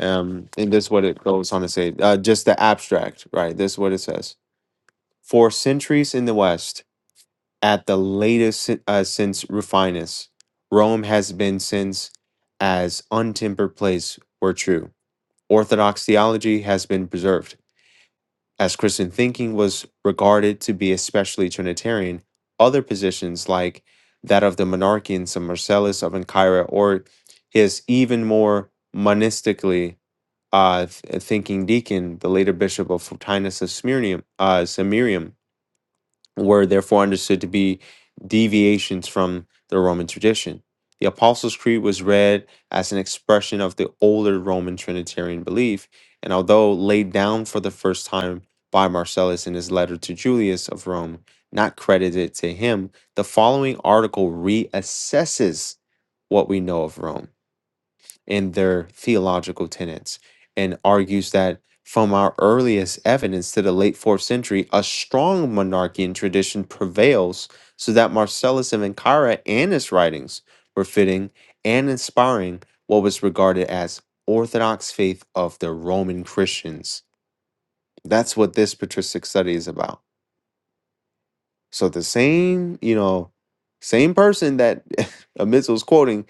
S1: um and this is what it goes on to say uh, just the abstract right this is what it says for centuries in the West. at the latest si- uh, since Rufinus. Rome has been since as untempered place were true. Orthodox theology has been preserved. As Christian thinking was regarded to be especially Trinitarian, other positions like that of the monarchian St. Marcellus of Ancyra or his even more monistically uh, th- thinking deacon, the later bishop of Fortinus of Smyrnium, uh, Samirium, were therefore understood to be deviations from the Roman tradition. The Apostles' Creed was read as an expression of the older Roman Trinitarian belief, and although laid down for the first time by Marcellus in his letter to Julius of Rome, not credited to him, the following article reassesses what we know of Rome in their theological tenets and argues that from our earliest evidence to the late fourth century, a strong monarchian tradition prevails so that Marcellus of Ancyra and his writings were fitting and inspiring what was regarded as orthodox faith of the Roman Christians. That's what this patristic study is about so the same, you know, same person that Amidst was quoting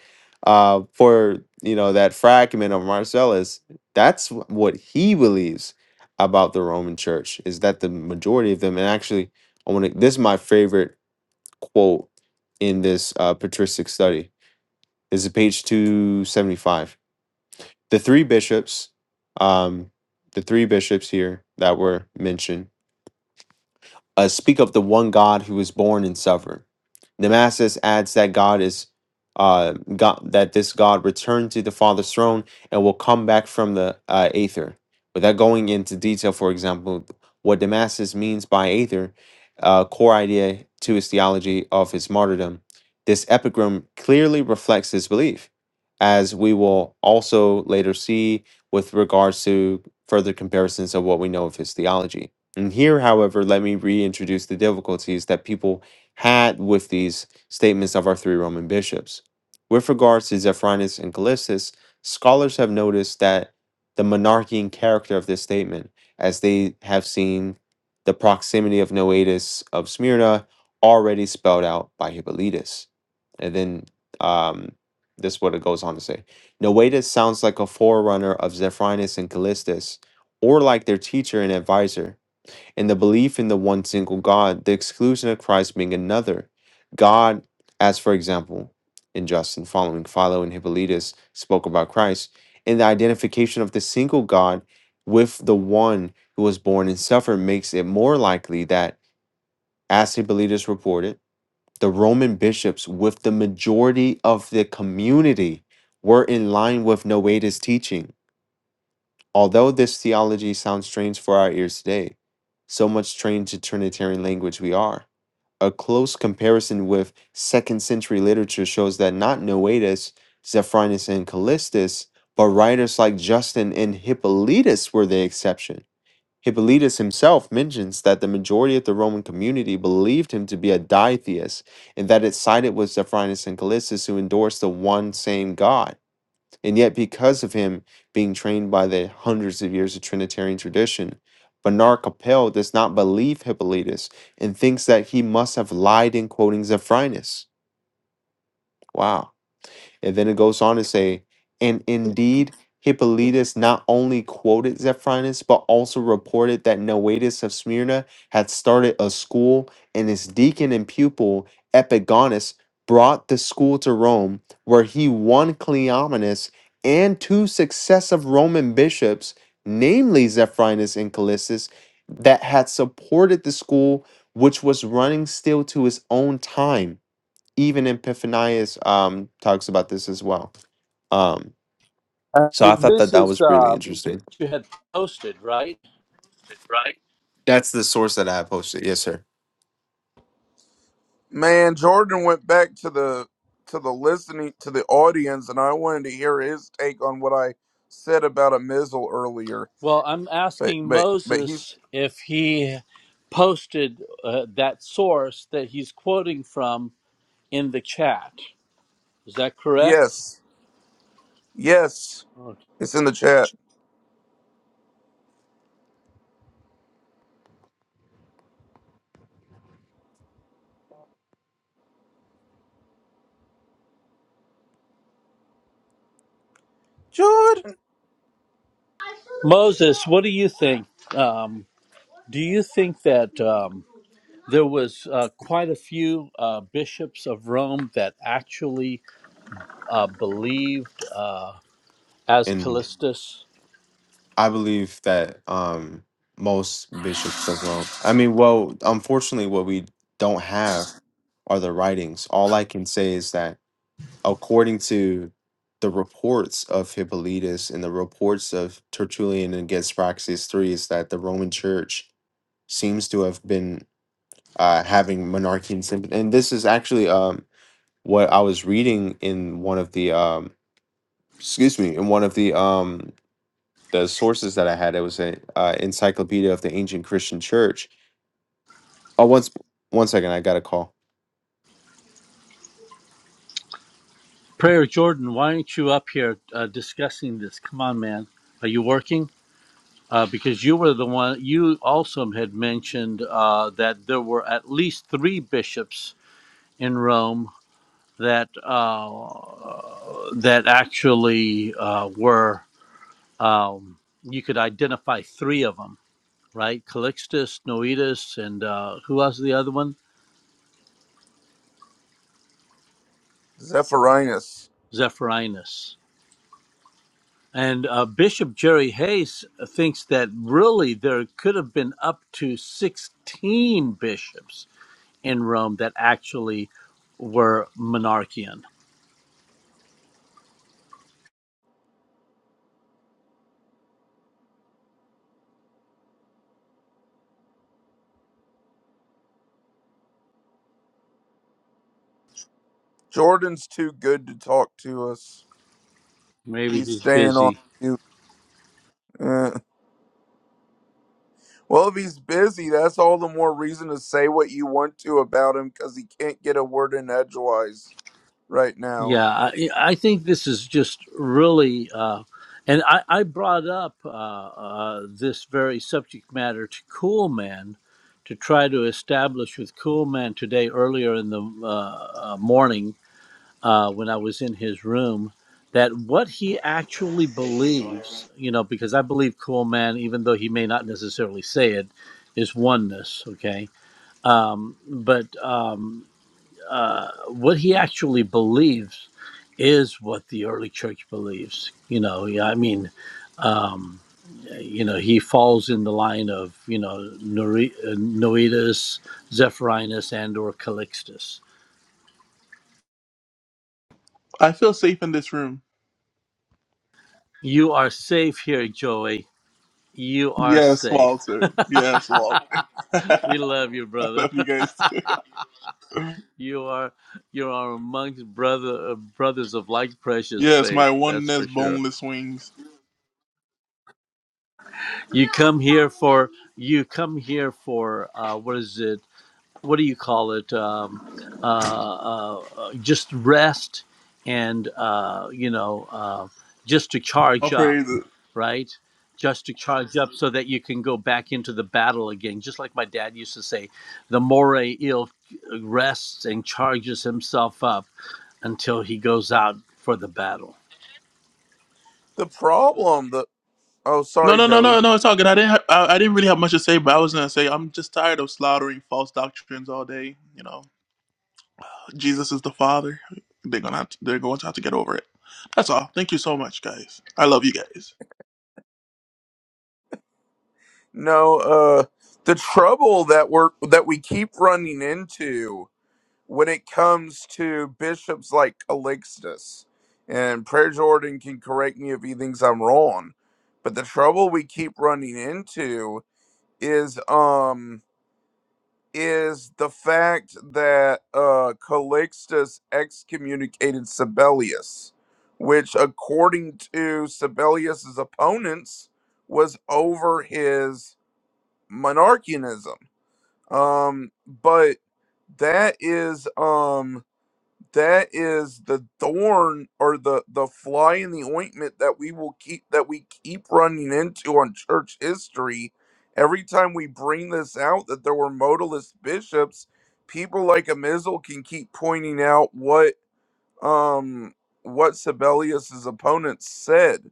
S1: uh, for you know that fragment of Marcellus, that's wh- what he believes about the Roman Church is that the majority of them, and actually, I want to. This is my favorite quote in this uh, patristic study. This is page two seventy five. The three bishops, um, the three bishops here that were mentioned uh, speak of the one God who was born and sovereign. Damascus adds that God is uh, God, that this God returned to the Father's throne and will come back from the uh, aether. Without going into detail, for example, what Damascus means by aether, uh, core idea to his theology of his martyrdom, this epigram clearly reflects his belief, as we will also later see with regards to further comparisons of what we know of his theology. And here, however, let me reintroduce the difficulties that people had with these statements of our three Roman bishops. With regards to Zephyrinus and Callistus, scholars have noticed that the monarchian character of this statement, as they have seen the proximity of Noetus of Smyrna already spelled out by Hippolytus. And then um, this is what it goes on to say Noetus sounds like a forerunner of Zephyrinus and Callistus, or like their teacher and advisor and the belief in the one single God, the exclusion of Christ being another God, as for example, in Justin following Philo and Hippolytus spoke about Christ, and the identification of the single God with the one who was born and suffered makes it more likely that, as Hippolytus reported, the Roman bishops, with the majority of the community, were in line with Noeda's teaching Although this theology sounds strange for our ears today, so much trained to Trinitarian language we are, a close comparison with second century literature shows that not Noetus, Zephyrinus, and Callistus, but writers like Justin and Hippolytus were the exception. Hippolytus himself mentions that the majority of the Roman community believed him to be a ditheist and that it sided with Zephyrinus and Callistus who endorsed the one same God. And yet, because of him being trained by the hundreds of years of Trinitarian tradition, Bernard Capel does not believe Hippolytus and thinks that he must have lied in quoting Zephyrinus. Wow. And then it goes on to say, and indeed, Hippolytus not only quoted Zephyrinus, but also reported that Noetus of Smyrna had started a school, and his deacon and pupil, Epigonus, brought the school to Rome, where he won Cleomenes and two successive Roman bishops, namely Zephyrinus and Callistus, that had supported the school, which was running still to his own time even Epiphanius um, talks about this as well. Um,
S4: uh,
S1: so I thought that
S4: this
S1: that
S4: is
S1: was really
S4: uh,
S1: interesting.
S4: you had posted, right?
S1: That's the source that I have posted. Yes, sir.
S3: Man, Jordan went back to the to the listening to the audience and I wanted to hear his take on what I said about a missile earlier.
S4: Well, I'm
S3: But
S4: asking
S3: but but he's
S4: Moses if he posted uh, that source that he's quoting from in the chat. Is that correct?
S3: yes. Yes.
S4: Okay.
S3: It's in the chat. Jordan
S4: Moses, what do you think? Um, do you think that? Um, there was uh, quite a few uh, bishops of Rome that actually uh, believed as
S1: And
S4: Callistus.
S1: I believe that um, most bishops are wrong. I mean, well, unfortunately, what we don't have are the writings. All I can say is that according to the reports of Hippolytus and the reports of Tertullian against Praxis 3 is that the Roman Church seems to have been uh, having monarchy and sympathy. And this is actually um, what I was reading in one of the um, excuse me in one of the um, the sources that I had. It was a uh, encyclopedia of the ancient Christian church. Oh, once one second, I got a call.
S4: Prayer Jordan, why aren't you up here uh, discussing this? Come on, man. Are you working? Uh, because you were the one, you also had mentioned uh, that there were at least three bishops in Rome that uh, that actually uh, were, um, you could identify three of them right? Calixtus, Noetus, and uh, who was the other one?
S3: Zephyrinus.
S4: Zephyrinus. And uh, Bishop Jerry Hayes thinks that really there could have been up to 16 bishops in Rome that actually were monarchian.
S3: Jordan's too good to talk to us.
S4: Maybe
S3: He's
S4: he's
S3: staying
S4: busy.
S3: on mute. Uh, well, if he's busy, that's all the more reason to say what you want to about him because he can't get a word in edgewise right now.
S4: Yeah, I, I think this is just really, uh, and I, I brought up uh, uh, this very subject matter to Coolman to try to establish with Coolman today earlier in the uh, uh, morning uh, when I was in his room that what he actually believes, you know, because I believe Coolman, even though he may not necessarily say it, is oneness, okay? But um, what he actually believes is what the early church believes. You know, yeah, I mean, you know, he falls in the line of you know uh, Noetus, Zephyrinus, and or Calixtus.
S6: I feel safe in this room.
S4: You are safe here, Joey. You are
S6: Yes,
S4: safe.
S6: Walter. Yes, Walter.
S4: we
S6: I
S4: love you, brother.
S6: love you guys too.
S4: You are you are amongst brother uh, brothers of like precious
S6: Yes,
S4: faith.
S6: my
S4: That's for
S6: oneness,
S4: sure.
S6: boneless wings.
S4: You come here for you come here for uh, what is it? what do you call it? Um, uh, uh, uh, just rest and uh, you know, uh, just to
S6: I'll
S4: charge up,
S6: praise it.
S4: right? Just to charge up so that you can go back into the battle again. Just like my dad used to say, the more ill rests and charges himself up until he goes out for the battle.
S3: The problem, the oh,
S6: No,
S3: sorry,
S6: no, no, no,
S3: Joey.
S6: no. It's all good. I didn't. Ha- I, I didn't really have much to say, but I was gonna say I'm just tired of slaughtering false doctrines all day. You know, Jesus is the Father. They're gonna. Have to, they're going to have to get over it. That's all. Thank you so much, guys. I love you guys.
S3: No, uh, the trouble that we're that we keep running into when it comes to bishops like Calixtus, and Prayer Jordan can correct me if he thinks I'm wrong, but the trouble we keep running into is um is the fact that uh, Calixtus excommunicated Sibelius, which, according to Sibelius's opponents, was over his monarchianism. Um, but that is um that is the thorn or the the fly in the ointment that we will keep that we keep running into on church history every time we bring this out that there were modalist bishops people like a Amizel can keep pointing out what um what Sibelius's opponents said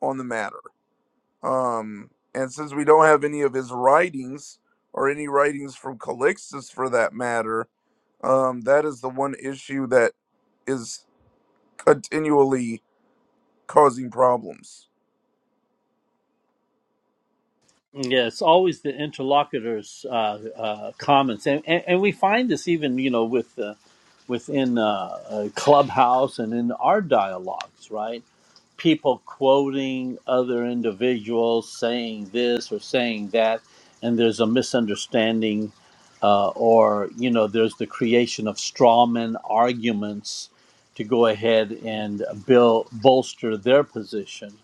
S3: on the matter um and since we don't have any of his writings or any writings from Calixtus for that matter um that is the one issue that is continually causing problems.
S4: Yeah, it's always the interlocutor's uh, uh, comments, and, and and we find this even you know with uh, within uh, uh, Clubhouse and in our dialogues, right? People quoting other individuals saying this or saying that, and there's a misunderstanding, uh, or you know, there's the creation of strawman arguments to go ahead and build bolster their position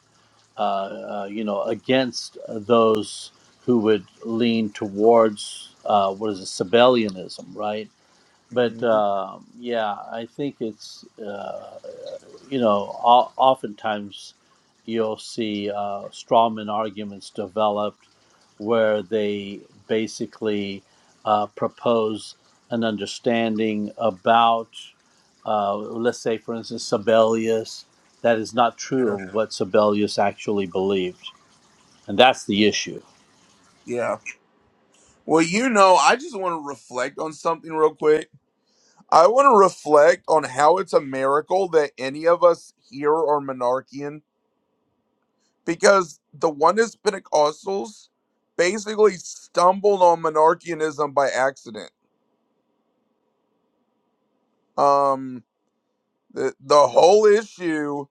S4: uh, uh, you know, against those who would lean towards uh, what is it, Sabellianism, right? But
S3: Mhm.
S4: um yeah, I think it's uh, you know, o- oftentimes you'll see uh, strawman arguments developed where they basically uh, propose an understanding about, uh, let's say, for instance, Sibelius, that is not
S3: Yeah.
S4: true of what Sibelius actually believed and that's the issue.
S3: Yeah. Well, you know, I just want to reflect on something real quick. I want to reflect on how it's a miracle that any of us here are monarchian because the oneness Pentecostals basically stumbled on monarchianism by accident. Um, the, the whole issue,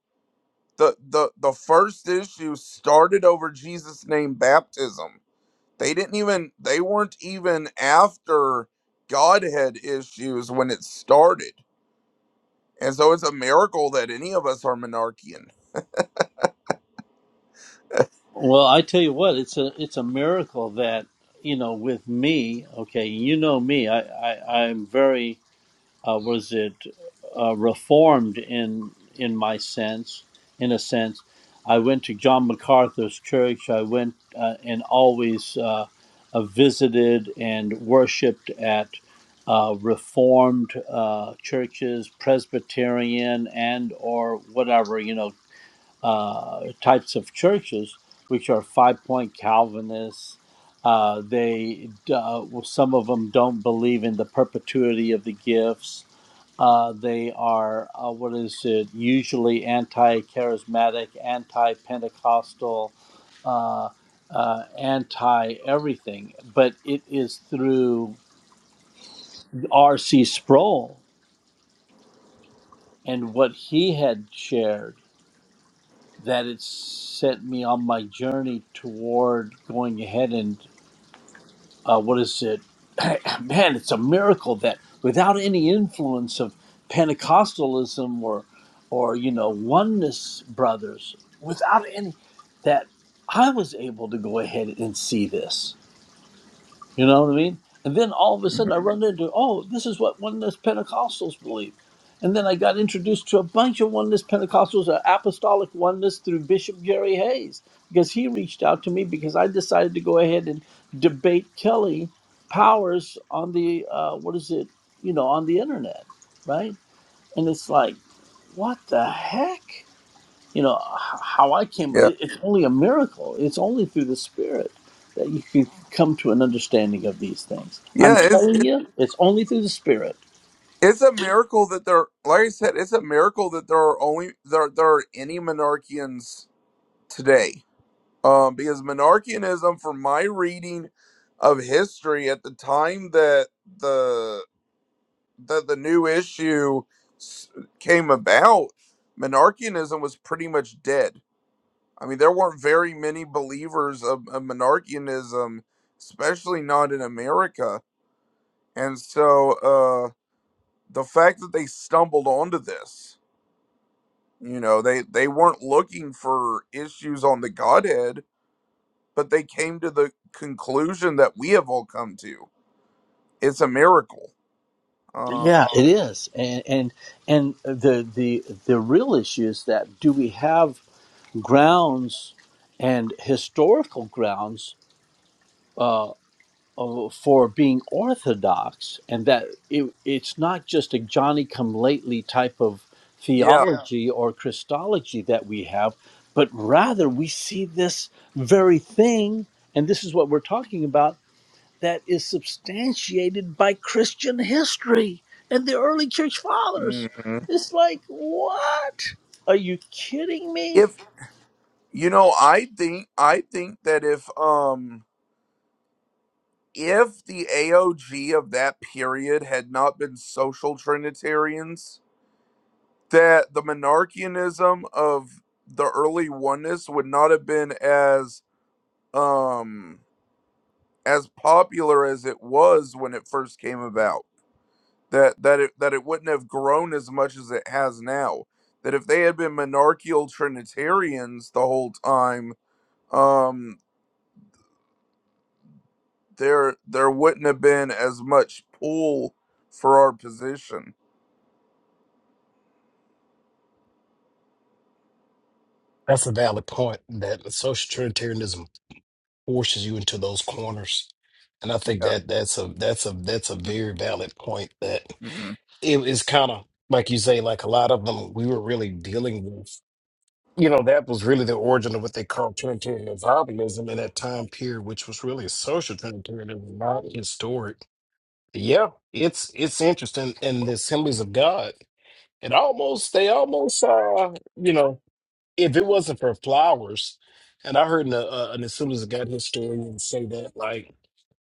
S3: the, the, the first issue started over Jesus' name baptism They didn't even they weren't even after Godhead issues when it started. And so it's a miracle that any of us are monarchian.
S4: Well, I tell you what, it's a it's a miracle that you know with me. Okay, you know me. I, I I'm very uh, was it uh, reformed in in my sense. In a sense, I went to John MacArthur's church. I went uh, and always uh, uh, visited and worshipped at. Uh, reformed uh, churches, Presbyterian, and or whatever you know, uh, types of churches, which are five point Calvinists. Uh, they uh, well, some of them don't believe in the perpetuity of the gifts. Uh, they are uh, what is it? Usually anti-charismatic, anti-Pentecostal, uh, uh, anti-everything. But it is through R.C. Sproul and what he had shared that it sent me on my journey toward going ahead and uh, what is it? Man, it's a miracle that without any influence of Pentecostalism or or you know oneness brothers, without any that I was able to go ahead and see this. You know what I mean? And then all of a sudden
S3: Mhm.
S4: I run into, oh, this is what oneness Pentecostals believe. And then I got introduced to a bunch of oneness Pentecostals, uh, apostolic oneness through Bishop Jerry Hayes, because he reached out to me because I decided to go ahead and debate Kelly Powers on the, uh, what is it, you know, on the internet, right? And it's like, what the heck? you know h- how i came
S3: Yeah.
S4: it's only a miracle it's only through the spirit that you can come to an understanding of these things i'm
S3: Yeah, it's
S4: telling
S3: it,
S4: you it's only through the spirit
S3: it's a miracle that there like I said, it's a miracle that there are only there there are any monarchians today. Um because monarchianism from my reading of history at the time that the that the new issue s- came about, monarchianism was pretty much dead. I mean, there weren't very many believers of, of monarchianism, especially not in America. And so uh, the fact that they stumbled onto this, you know, they, they weren't looking for issues on the Godhead, but they came to the conclusion that we have all come to. It's a miracle. Um,
S4: yeah it is and and and the the the real issue is that do we have grounds and historical grounds uh, for being orthodox and that it, it's not just a Johnny come lately type of
S3: yeah.
S4: theology Yeah. or Christology that we have, but rather we see this very thing, and this is what we're talking about, that is substantiated by Christian history and the early church fathers.
S3: Mhm.
S4: It's like, what? Are you kidding me?
S3: You know, I think I think that if um if the AOG of that period had not been social trinitarians, that the monarchianism of the early oneness would not have been as um as popular as it was when it first came about. That that it that it wouldn't have grown as much as it has now. That if they had been monarchical trinitarians the whole time, um. there there wouldn't have been as much pull for our position.
S5: That's a valid point that social trinitarianism forces you into those corners. And I think
S3: Yeah.
S5: that that's a that's a that's a very valid point that.
S3: hmm
S5: it was kind of like you say, like a lot of them we were really dealing with. You know, that was really the origin of what they call Trinitarian Zionism in that time period, which was really a social Trinitarianism, not historic. Yeah, it's it's interesting in the Assemblies of God. It almost they almost uh you know if it wasn't for flowers, and I heard an, uh, uh, an Assemblies of God historian say that like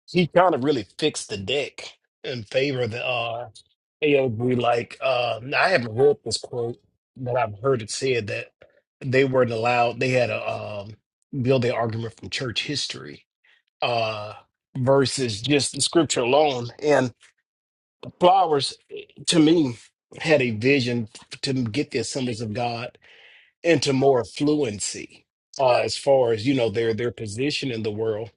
S5: he kind of really fixed the deck in favor of the uh Ayo like um, I haven't heard this quote, but I've heard it said that they weren't allowed. They had to um, build their argument from church history uh, versus just the scripture alone. And Flowers, eh, to me, had a vision to get the assemblies of God into more fluency uh, as far as you know their their position in the world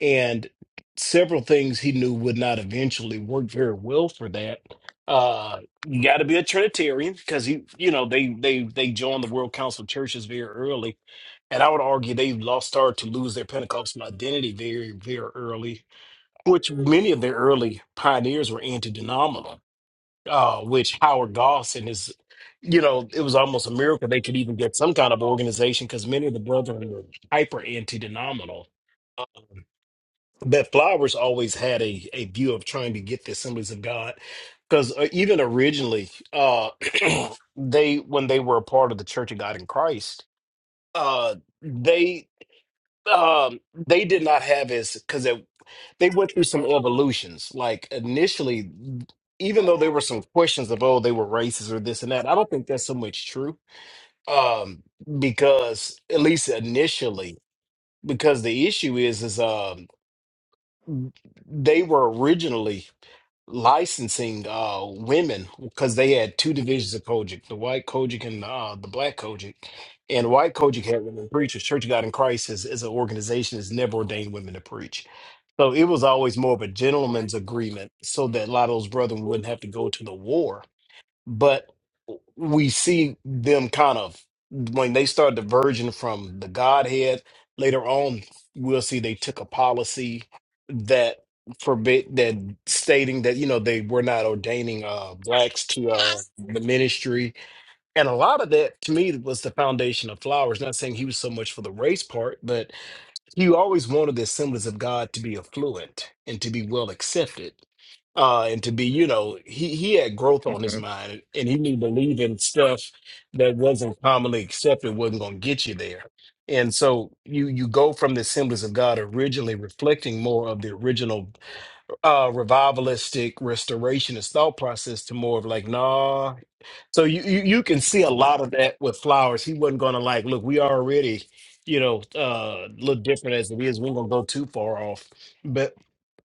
S5: and several things he knew would not eventually work very well for that uh you got to be a trinitarian because he you know they they they joined the world council churches very early and i would argue they lost started to lose their pentecostal identity very very early which many of their early pioneers were anti-denominational uh, which Howard Dawson is, you know, it was almost a miracle they could even get some kind of organization because many of the brethren were hyper anti-denominal. Uh, But Flowers always had a, a view of trying to get the Assemblies of God because uh, even originally, uh, they when they were a part of the Church of God in Christ, uh, they um, they did not have as because they went through some evolutions. Like initially, even though there were some questions of oh they were racist or this and that, I don't think that's so much true. Um, because at least initially, because the issue is is um they were originally licensing uh, women because they had two divisions of Kojic, the white Kojic and uh, the black Kojic. And white Kojic had women preachers. Church of God in Christ is, is an organization that's never ordained women to preach. So it was always more of a gentleman's agreement so that a lot of those brethren wouldn't have to go to the war but we see them kind of when they start diverging from the Godhead. Later on, we'll see they took a policy that forbid that stating that you know they were not ordaining uh blacks to uh the ministry and a lot of that to me was the foundation of flowers not saying he was so much for the race part but he always wanted the assemblies of god to be affluent and to be well accepted uh, and to be, you know, he he had growth on his
S3: hmm
S5: mind, and he knew believing stuff that wasn't commonly accepted wasn't going to get you there. And so you you go from the Assemblies of God originally reflecting more of the original uh, revivalistic restorationist thought process to more of like nah. So you you, you can see a lot of that with Flowers. He wasn't going to like look. We already you know uh, look different as it is. We're going to go too far off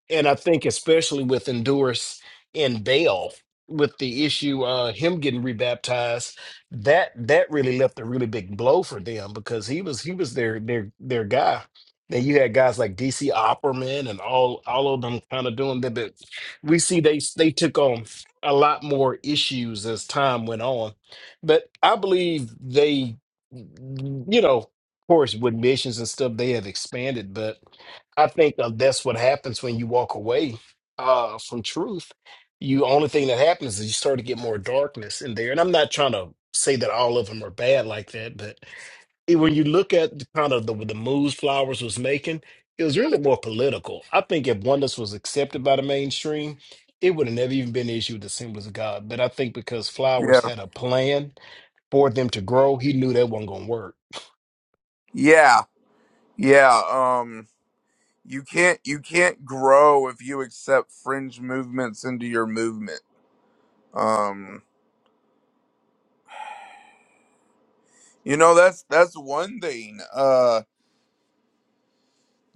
S5: and I think especially with Endurus and Bale, with the issue uh him getting rebaptized, that that really left a really big blow for them because he was he was their their their guy. Then you had guys like DC Opperman and all all of them kind of doing that, but we see they they took on a lot more issues as time went on. But I believe they, you know, of course, with missions and stuff, they have expanded, but I think of that's what happens when you walk away uh, from truth. You only thing that happens is you start to get more darkness in there. And I'm not trying to say that all of them are bad like that, but it- when you look at the kind of the, the moves Flowers was making, it was really more political. I think if oneness was accepted by the mainstream, it would have never even been an issue with the symbols of God. But I think because
S3: Yeah.
S5: Flowers had a plan for them to grow, he knew that wasn't going to work.
S3: Yeah. Yeah. Um you can't you can't grow if you accept fringe movements into your movement. Um you know that's that's one thing. Uh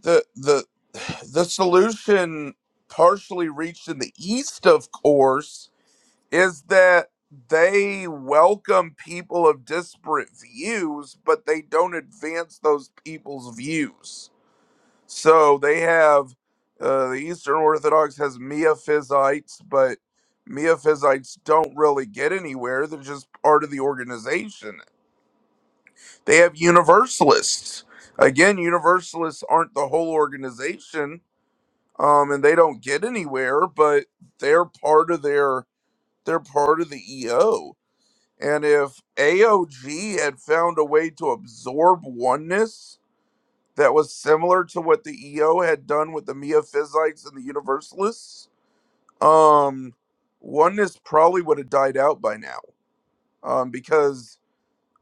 S3: the the the solution partially reached in the east of course is that they welcome people of disparate views, but they don't advance those people's views. So they have uh, the Eastern Orthodox has Miaphysites, but Miaphysites don't really get anywhere. They're just part of the organization. They have Universalists. Again, Universalists aren't the whole organization, um, and they don't get anywhere, but they're part of their they're part of the EO and if AOG had found a way to absorb oneness that was similar to what the EO had done with the Miaphysites and the Universalists, um, oneness probably would have died out by now. Um, because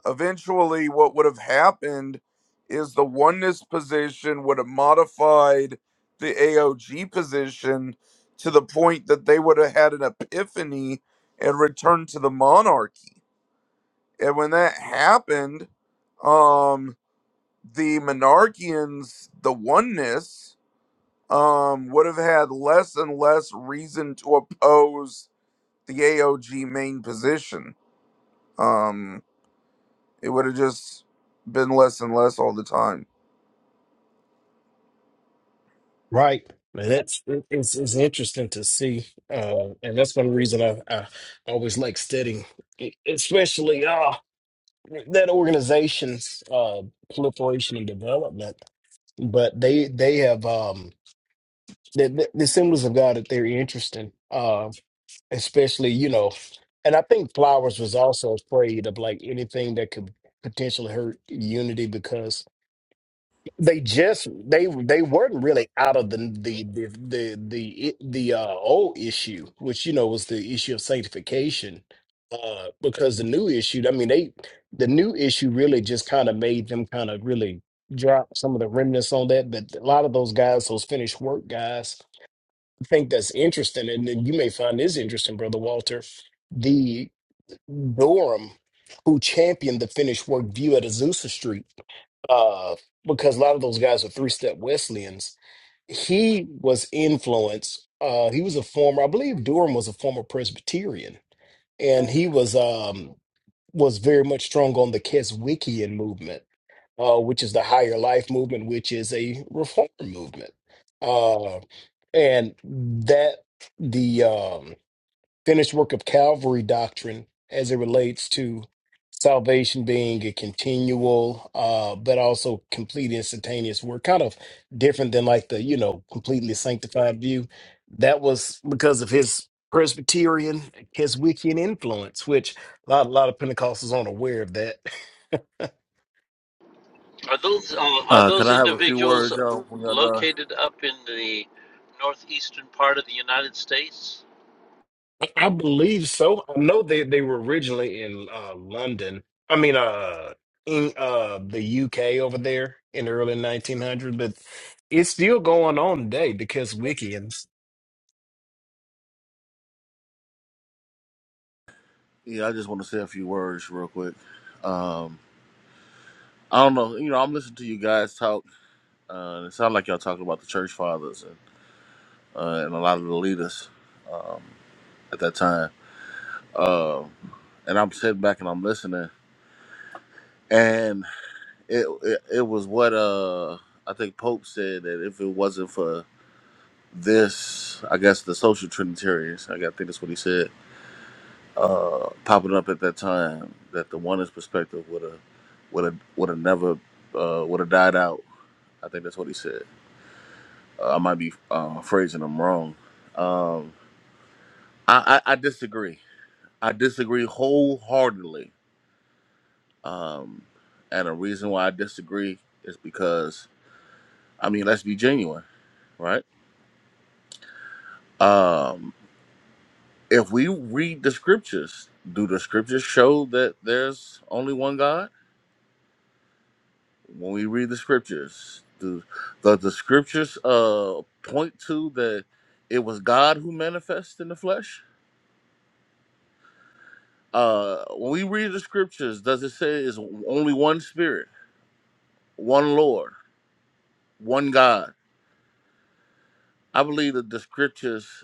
S3: eventually, what would have happened is the oneness position would have modified the AOG position to the point that they would have had an epiphany and returned to the monarchy and when that happened, um, the monarchians, the oneness, um, would have had less and less reason to oppose the AOG main position. Um, it would have just been less and less all the time.
S5: Right. And that's it- it's, it's interesting to see. Uh, and that's one reason I, I always like studying, e- especially uh, that organization's uh, proliferation and development. But they they have um, the, the, the symbols of God that they're interesting, uh, especially, you know, and I think Flowers was also afraid of like anything that could potentially hurt unity because they just they they weren't really out of the the the the the, the uh, old issue, which you know was the issue of sanctification. Uh, because the new issue, I mean, they the new issue really just kind of made them kind of really drop some of the remnants on that. But a lot of those guys, those finished work guys, I think that's interesting, and then you may find this interesting, brother Walter. The Durham, who championed the finished work view at Azusa Street uh, because a lot of those guys are three step Wesleyans. He was influenced. Uh, he was a former, I believe Durham was a former Presbyterian, and he was um, was very much strong on the Keswickian movement, uh, which is the higher life movement, which is a reform movement, uh, and that the um, finished work of Calvary doctrine as it relates to salvation being a continual, uh, but also complete instantaneous work, kind of different than like the, you know, completely sanctified view. That was because of his Presbyterian, his Wiccan influence, which a lot, a lot of Pentecostals aren't aware of that.
S4: Are those uh, are
S7: Uh, can
S4: those
S7: I have a few
S4: individuals
S7: words, y'all? When y'all done?
S4: located up in the northeastern part of the United States?
S5: I believe so. I know they, they were originally in uh, London. I mean, uh, in uh, the UK over there in the early 1900s, but it's still going on today because Wiccans.
S7: Yeah, I just want to say a few words real quick. Um, I don't know. You know, I'm listening to you guys talk. Uh, it sounds like y'all talking about the church fathers and uh, and a lot of the leaders at that time. Um, and I'm sitting back and I'm listening. And it it, it was what uh, I think Pope said that if it wasn't for this, I guess the social Trinitarians, I got- I think that's what he said. uh, popping up at that time that the oneness perspective would have would have would have never uh, would have died out. I think that's what he said. Uh, I might be uh, phrasing him wrong. Um, I, I, I disagree. I disagree wholeheartedly. Um, and the reason why I disagree is because I mean, let's be genuine, right? Um, if we read the scriptures, do the scriptures show that there's only one God? when we read the scriptures, do the, the scriptures uh point to that it was God who manifested in the flesh? Uh when we read the scriptures, does it say it's only one spirit, one Lord, one God? I believe that the scriptures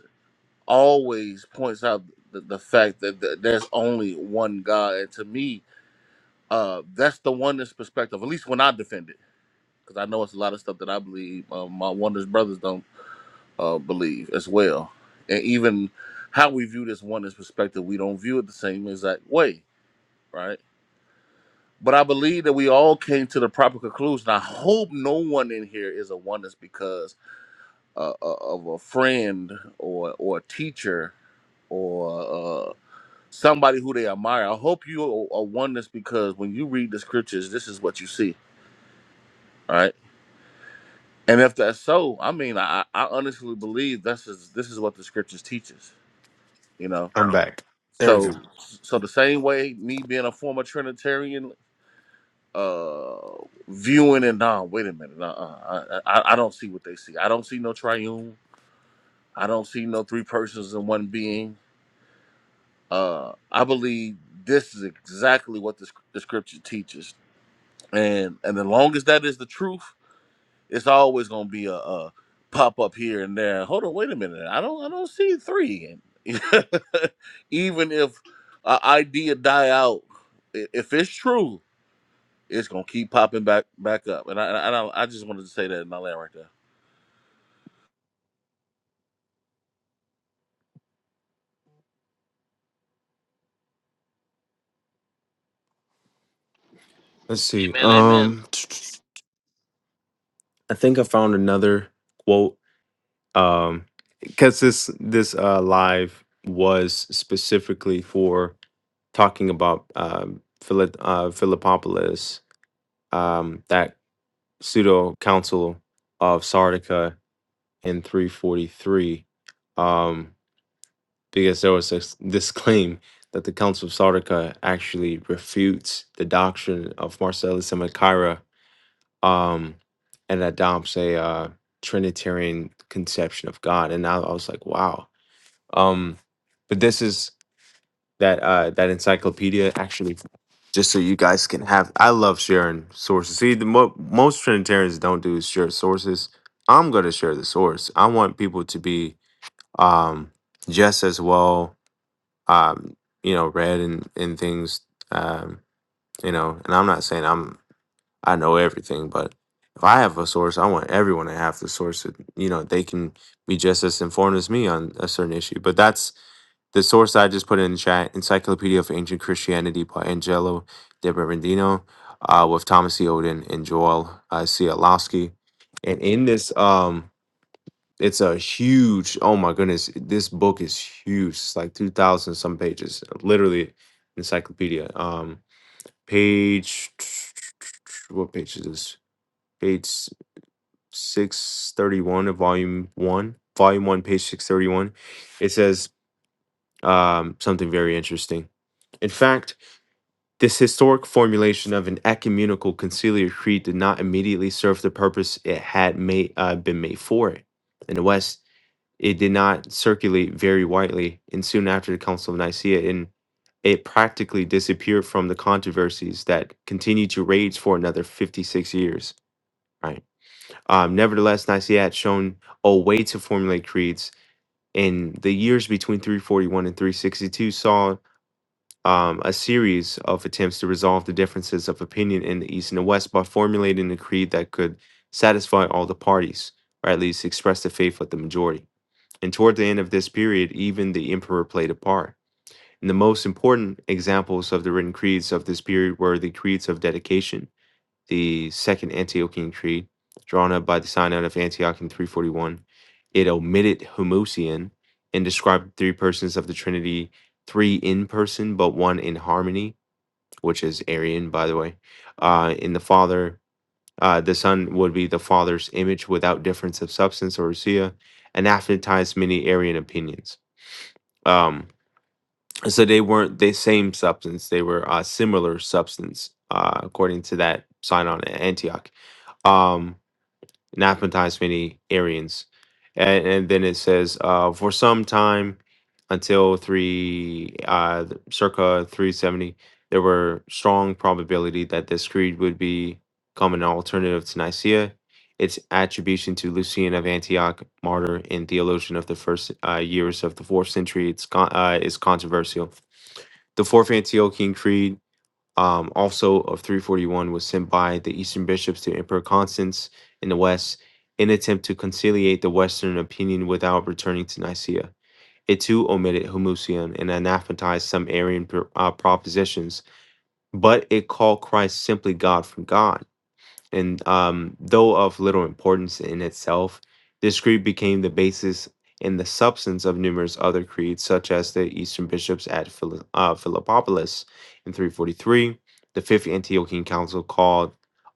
S7: always points out the, the fact that th- there's only one God. And to me, uh that's the oneness perspective, at least when I defend it. Because I know it's a lot of stuff that I believe uh, my oneness brothers don't uh, believe as well. And even how we view this oneness perspective, we don't view it the same exact way, right? But I believe that we all came to the proper conclusion. I hope no one in here is a oneness because uh, uh, of a friend or or a teacher or uh, somebody who they admire. I hope you are are oneness because when you read the scriptures, this is what you see, all right? And if that's so, I mean, I, I honestly believe this is this is what the scriptures teaches, you know So, so the same way me being a former Trinitarian, uh, viewing and nah, wait a minute, nah, uh, I, I, I don't see what they see. I don't see no triune. I don't see no three persons in one being. Uh, I believe this is exactly what the, sc- the scripture teaches, and and as long as that is the truth, It's always gonna be a, a pop up here and there. Hold on, wait a minute. I don't I don't see three. Even if an idea die out, i- if it's true, it's gonna keep popping back back up. And I and I, and I I just wanted to say that in my land right there.
S1: Let's see.
S4: Amen, amen.
S1: Um, I think I found another quote. Um, because this this uh, live was specifically for talking about um, Philip uh, Philippopolis. Um, that pseudo council of Sardica in 343, um, because there was this, this claim that the Council of Sardica actually refutes the doctrine of Marcellus and Machaira um, and adopts a uh, Trinitarian conception of God. And I, I was like, wow. Um, but this is that uh, that encyclopedia actually just so you guys can have. I love sharing sources. See, the mo- most Trinitarians don't do is share sources. I'm going to share the source. I want people to be um, just as well, um, you know, read and and things. Um, you know, and I'm not saying I'm I know everything, but if I have a source, I want everyone to have the source. That, you know, they can be just as informed as me on a certain issue. But that's the source I just put in the chat: Encyclopedia of Ancient Christianity by Angelo de Berendino, uh, with Thomas E. Oden and Joel uh, Cialowski. And in this, um, it's a huge. Oh my goodness, this book is huge. It's like two thousand some pages, literally encyclopedia. Um, page. What page is this? page 631 of volume 1 volume 1 page 631 it says um, something very interesting in fact this historic formulation of an ecumenical conciliar creed did not immediately serve the purpose it had made, uh, been made for it in the west it did not circulate very widely and soon after the council of nicaea in it practically disappeared from the controversies that continued to rage for another 56 years. Right. Um, nevertheless, Nicaea had shown a way to formulate creeds, and the years between 341 and 362 saw um, a series of attempts to resolve the differences of opinion in the East and the West by formulating a creed that could satisfy all the parties, or at least express the faith of the majority. And toward the end of this period, even the emperor played a part. And the most important examples of the written creeds of this period were the creeds of dedication the Second Antiochian Creed, drawn up by the Synod of Antioch in 341. It omitted Homoousion and described three persons of the Trinity, three in person but one in harmony, which is Arian, by the way. Uh, in the Father, uh, the Son would be the Father's image without difference of substance or usia, anathematized many Arian opinions. Um, so they weren't the same substance; they were uh, similar substance, uh, according to that Synod at Antioch. Um, and oftentimes many Arians. And, and then it says, uh, for some time until three, uh, th- circa 370, there were strong probability that this creed would be- become an alternative to Nicaea. Its attribution to Lucian of Antioch, martyr and theologian of the first uh, years of the fourth century, it's con- uh, is controversial. The Fourth Antiochian Creed um, also of 341 was sent by the Eastern bishops to Emperor Constance in the West in attempt to conciliate the Western opinion without returning to Nicaea. It too omitted Homoousion and anathematized some Arian pro- uh, propositions, but it called Christ simply God from God and um, though of little importance in itself, this creed became the basis and the substance of numerous other creeds, such as the Eastern bishops at Phil- uh, Philippopolis in 343, the Fifth Antiochian Council called,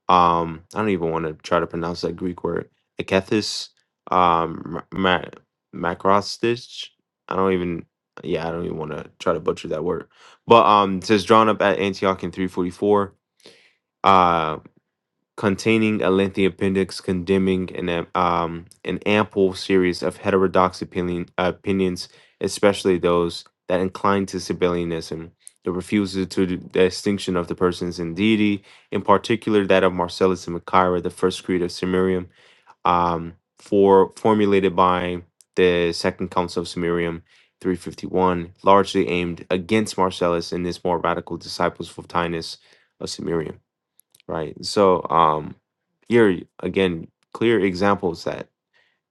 S1: um, I don't even want to try to pronounce that Greek word, Ekethys um, Ma- Makrostich. I don't even, yeah, I don't even want to try to butcher that word. But um, it says drawn up at Antioch in 344 containing a lengthy appendix condemning an, am- um, an ample series of heterodox opinion, opinions, especially those that incline to Sabellianism. The refusal to the distinction of the persons in deity, in particular that of Marcellus and Machaira, the first creed of Sumerium, um, for formulated by the Second Council of Sumerium, 351, largely aimed against Marcellus and his more radical disciples, Plotinus of Sumerium. Right. So, um, here again, clear examples that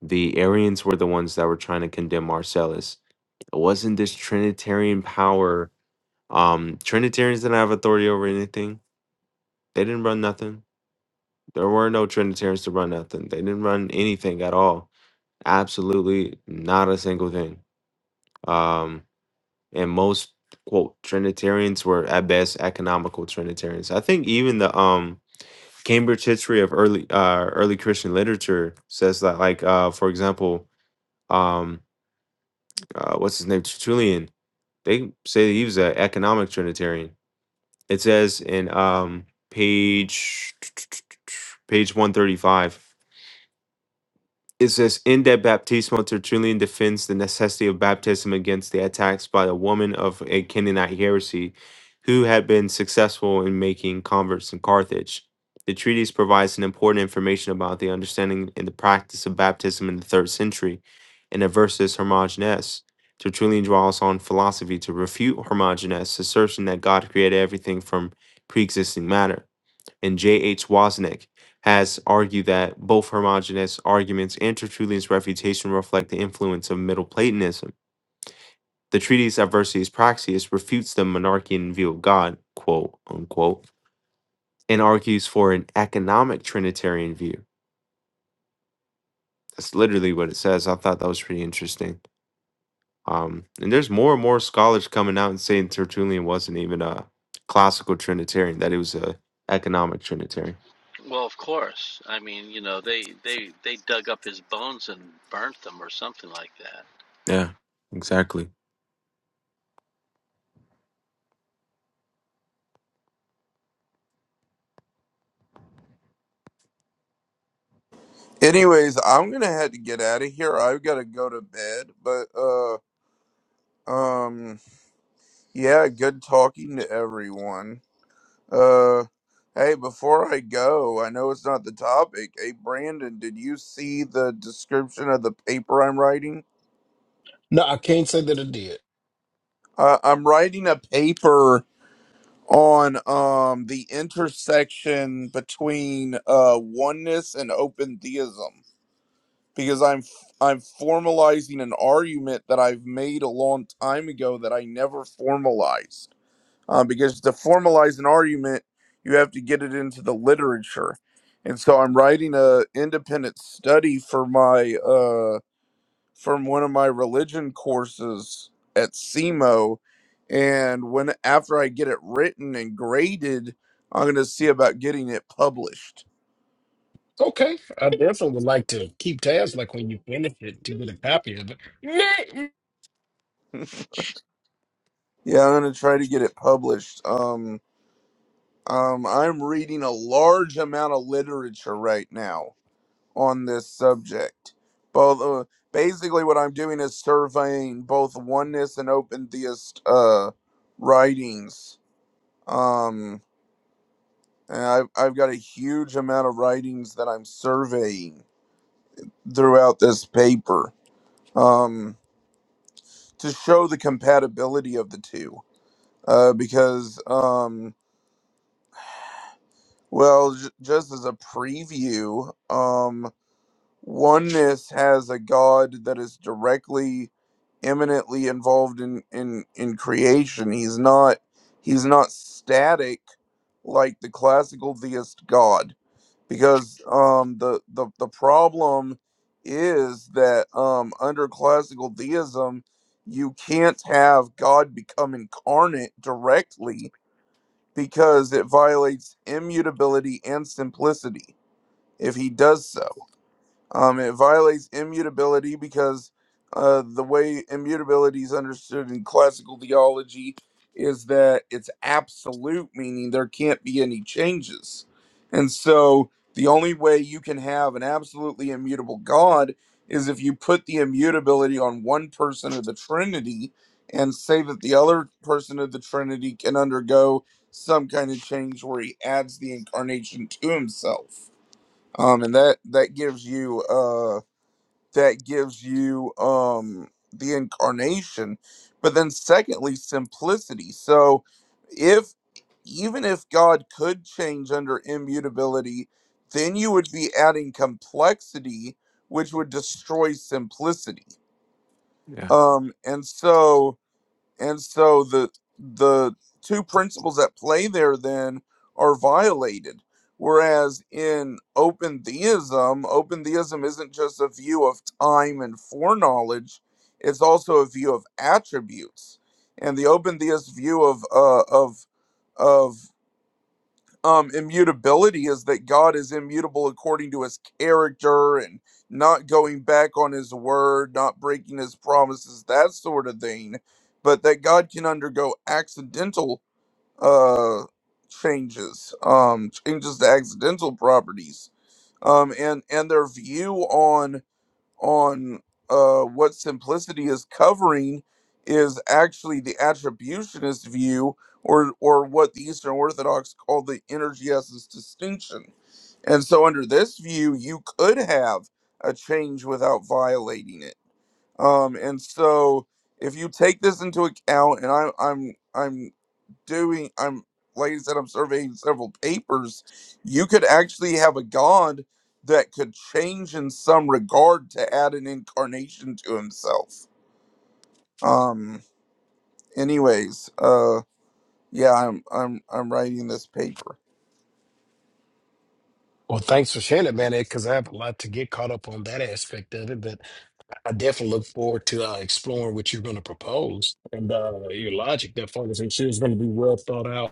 S1: the Arians were the ones that were trying to condemn Marcellus. It wasn't this Trinitarian power. Um, Trinitarians didn't have authority over anything. They didn't run nothing. There were no Trinitarians to run nothing. They didn't run anything at all. Absolutely not a single thing. Um, and most quote Trinitarians were at best economical Trinitarians. I think even the um Cambridge history of early uh, early Christian literature says that, like uh, for example, um, uh, what's his name, Tertullian. They say that he was an economic Trinitarian. It says in um, page page one thirty five. It says, in that baptismo, Tertullian defends the necessity of baptism against the attacks by a woman of a Canaanite heresy who had been successful in making converts in Carthage. The treatise provides an important information about the understanding and the practice of baptism in the third century. In the versus Hermogenes, Tertullian draws on philosophy to refute Hermogenes' assertion that God created everything from pre existing matter and J. H. Wozniak has argued that both Hermogenes' arguments and Tertullian's refutation reflect the influence of Middle Platonism. The treatise Adversities Praxias refutes the monarchian view of God, quote unquote, and argues for an economic Trinitarian view. That's literally what it says. I thought that was pretty interesting. Um, and there's more and more scholars coming out and saying Tertullian wasn't even a classical Trinitarian; that he was a economic Trinitarian.
S4: Well, of course. I mean, you know, they they they dug up his bones and burnt them or something like that.
S1: Yeah, exactly.
S3: Anyways, I'm gonna have to get out of here. I've gotta go to bed, but uh um yeah, good talking to everyone. Uh, hey, before I go, I know it's not the topic. Hey, Brandon, did you see the description of the paper I'm writing?
S5: No, I can't say that it did.
S3: Uh, I'm writing a paper on um the intersection between uh oneness and open theism because I'm f- I'm formalizing an argument that I've made a long time ago that I never formalized. uh, because to formalize an argument, you have to get it into the literature. And so I'm writing a independent study for my uh, from one of my religion courses at SEMO, and when after I get it written and graded, I'm going to see about getting it published.
S5: Okay, I definitely would like to keep tabs, like when you finish it, to get a copy of it. Nah,
S3: Yeah, I'm going to try to get it published. Um, um, I'm reading a large amount of literature right now on this subject. Both uh, basically, what I'm doing is surveying both oneness and open theist uh, writings. Um, and I've I've got a huge amount of writings that I'm surveying throughout this paper um, to show the compatibility of the two. Uh, because um, well, j- just as a preview, um oneness has a god that is directly eminently involved in in in creation he's not he's not static like the classical theist god because um the the, the problem is that um under classical theism you can't have god become incarnate directly because it violates immutability and simplicity if he does so um, it violates immutability because uh, the way immutability is understood in classical theology is that it's absolute, meaning there can't be any changes. And so the only way you can have an absolutely immutable God is if you put the immutability on one person of the Trinity and say that the other person of the Trinity can undergo some kind of change where he adds the incarnation to himself um and that that gives you uh that gives you um the incarnation but then secondly simplicity so if even if god could change under immutability then you would be adding complexity which would destroy simplicity
S1: Yeah.
S3: um and so and so the the two principles at play there then are violated. Whereas in open theism, open theism isn't just a view of time and foreknowledge; it's also a view of attributes. And the open theist view of uh, of of um immutability is that God is immutable according to his character and not going back on his word, not breaking his promises, that sort of thing, but that God can undergo accidental uh changes, um changes to accidental properties. Um and and their view on on uh, what simplicity is covering is actually the attributionist view, or or what the Eastern Orthodox call the energesis distinction. And so, under this view, you could have a change without violating it. Um, and so, if you take this into account, and I'm I'm I'm doing i'm like i said i'm surveying several papers you could actually have a god that could change in some regard to add an incarnation to himself um anyways uh yeah i'm i'm i'm writing this paper
S5: Well, thanks for sharing it, man, because I have a lot to get caught up on that aspect of it. But I definitely look forward to uh, exploring what you're going to propose and uh, your logic. That far, I'm sure is going to be well thought out.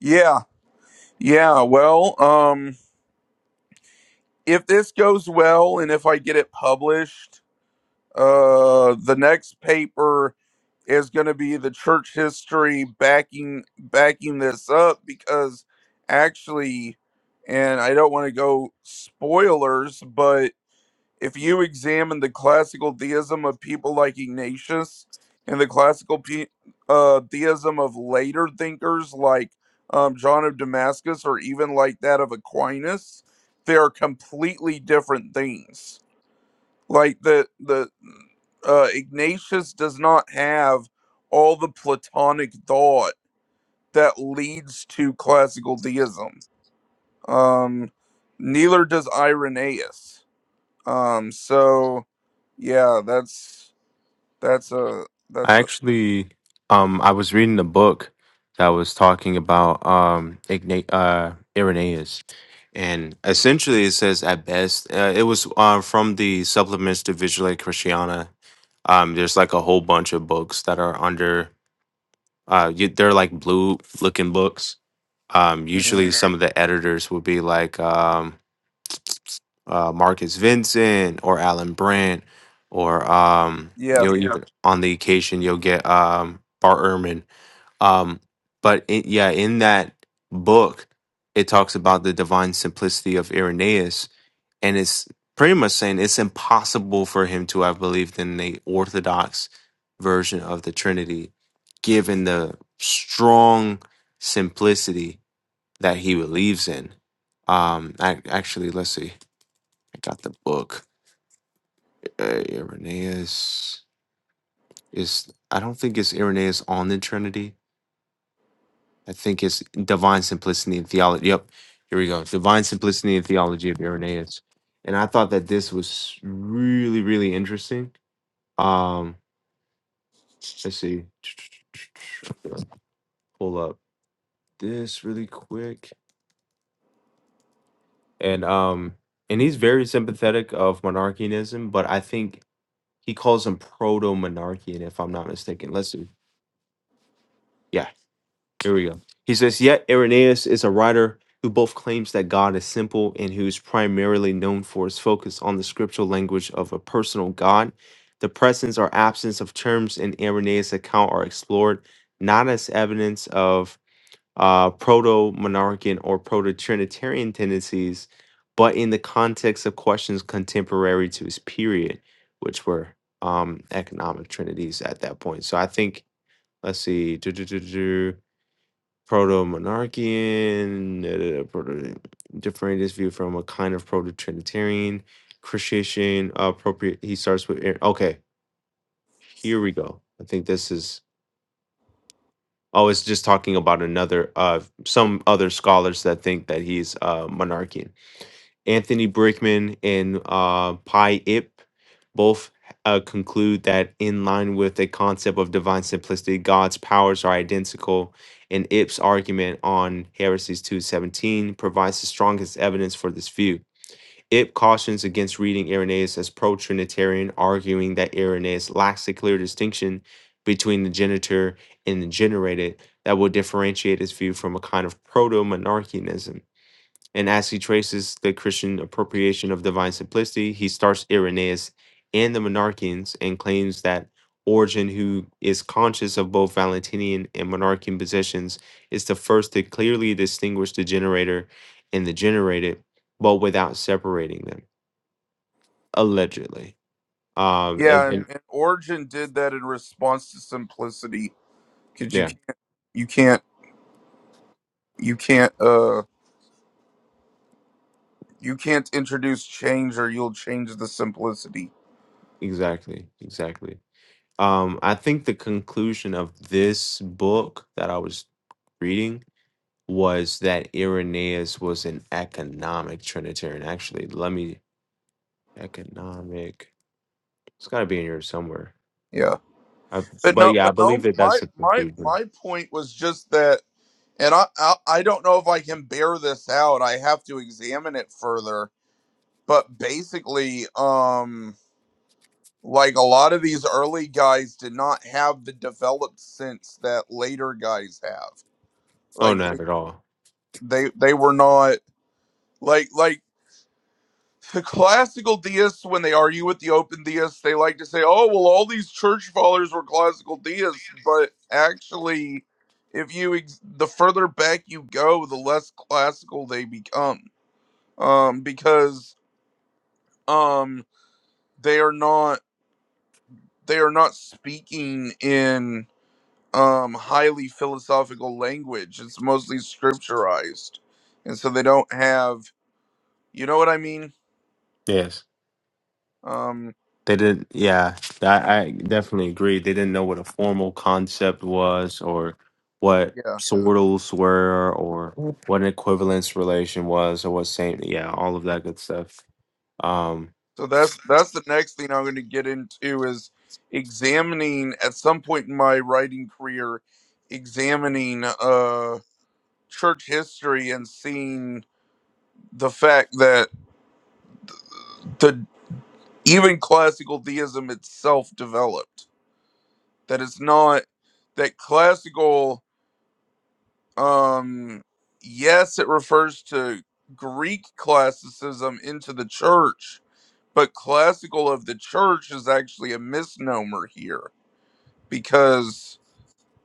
S3: yeah yeah well um if this goes well and if i get it published Uh, the next paper is going to be the church history backing backing this up because actually, and I don't want to go spoilers, but if you examine the classical theism of people like Ignatius and the classical pe- uh, theism of later thinkers like um, John of Damascus or even like that of Aquinas, they are completely different things like the the uh, Ignatius does not have all the Platonic thought that leads to classical theism. Um, neither does Irenaeus. Um, so yeah, that's that's a
S1: I
S3: that's a
S1: actually, um, I was reading a book that was talking about um, Igna- uh, Irenaeus, and essentially it says at best uh, it was uh, from the supplements to Vigile Christiana. Um, there's like a whole bunch of books that are under. Uh, you, they're like blue looking books. Um,
S3: mhm.
S1: usually Mhm. some of the editors would be like um, uh, Marcus Vincent or Alan Brandt or um,
S3: yeah
S1: you'll Yeah. even on the occasion you'll get um, Bart Ehrman um, but it, yeah, in that book, it talks about the divine simplicity of Irenaeus, and it's pretty much saying it's impossible for him to have believed in the orthodox version of the Trinity, given the strong simplicity that he believes in. Um, I, actually, let's see. I got the book. Uh, Irenaeus is. I don't think it's Irenaeus on the Trinity I think it's Divine Simplicity and Theology. Yep, here we go. Divine Simplicity and Theology of Irenaeus. And I thought that this was really, really interesting. Um, let's see. I'm gonna Pull up this really quick. And um, and he's very sympathetic of monarchianism, but I think he calls him proto-monarchian, if I'm not mistaken. Let's see. Yeah, Here we go. He says, Yet Irenaeus is a writer who both claims that God is simple and who is primarily known for his focus on the scriptural language of a personal God. The presence or absence of terms in Irenaeus' account are explored not as evidence of uh, proto monarchian or proto Trinitarian tendencies, but in the context of questions contemporary to his period, which were um, economic trinities at that point. So I think, let's see. proto-monarchian, da, proto- differing this view from a kind of proto-trinitarian Christian uh, appropriate. He starts with Ar- okay. Here we go. I think this is. Oh, it's just talking about another uh some other scholars that think that he's uh monarchian. Anthony Brickman and uh, Pi Ip both uh, conclude that, in line with the concept of divine simplicity, God's powers are identical, and Ip's argument on Heresies 2.17 provides the strongest evidence for this view. Ip cautions against reading Irenaeus as pro Trinitarian, arguing that Irenaeus lacks a clear distinction between the genitor and the generated that will differentiate his view from a kind of proto monarchianism. And as he traces the Christian appropriation of divine simplicity, he starts Irenaeus and the Monarchians and claims that Origen, who is conscious of both Valentinian and Monarchian positions, is the first to clearly distinguish the generator and the generated, but without separating them, allegedly. Um, and,
S3: yeah. And,
S1: and-
S3: and Origin did that in response to simplicity because you
S1: yeah,
S3: can't- you can't you can't uh you can't introduce change or you'll change the simplicity.
S1: exactly, exactly. Um, I think the conclusion of this book that I was reading was that Irenaeus was an economic Trinitarian. Actually, let me economic. It's got to be in here somewhere.
S3: Yeah.
S1: I,
S3: But
S1: but
S3: no,
S1: yeah, I
S3: but
S1: believe
S3: no.
S1: that
S3: My
S1: that's the
S3: my
S1: conclusion.
S3: my point was just that, and I I, I don't know if I can bear this out. I have to examine it further. But basically, um, like a lot of these early guys did not have the developed sense that later guys have.
S1: Oh,
S3: Like they
S1: not at all.
S3: they they were not like like the classical deists, when they argue with the open deists, they like to say, "Oh, well, all these church fathers were classical deists," but actually, if you ex- the further back you go, the less classical they become, um, because um, they are not they are not speaking in um, highly philosophical language. It's mostly scripturized, and so they don't have you know what I mean.
S1: Yes,
S3: Um,
S1: they didn't. Yeah, I, I definitely agree. They didn't know what a formal concept was, or what
S3: yeah.
S1: sortals were, or what an equivalence relation was, or what same. Yeah, all of that good stuff. Um,
S3: So that's that's the next thing I'm going to get into is examining at some point in my writing career, examining uh church history and seeing the fact that the even classical deism itself developed. That it's not that classical um yes it refers to Greek classicism into the church, but classical of the church is actually a misnomer here because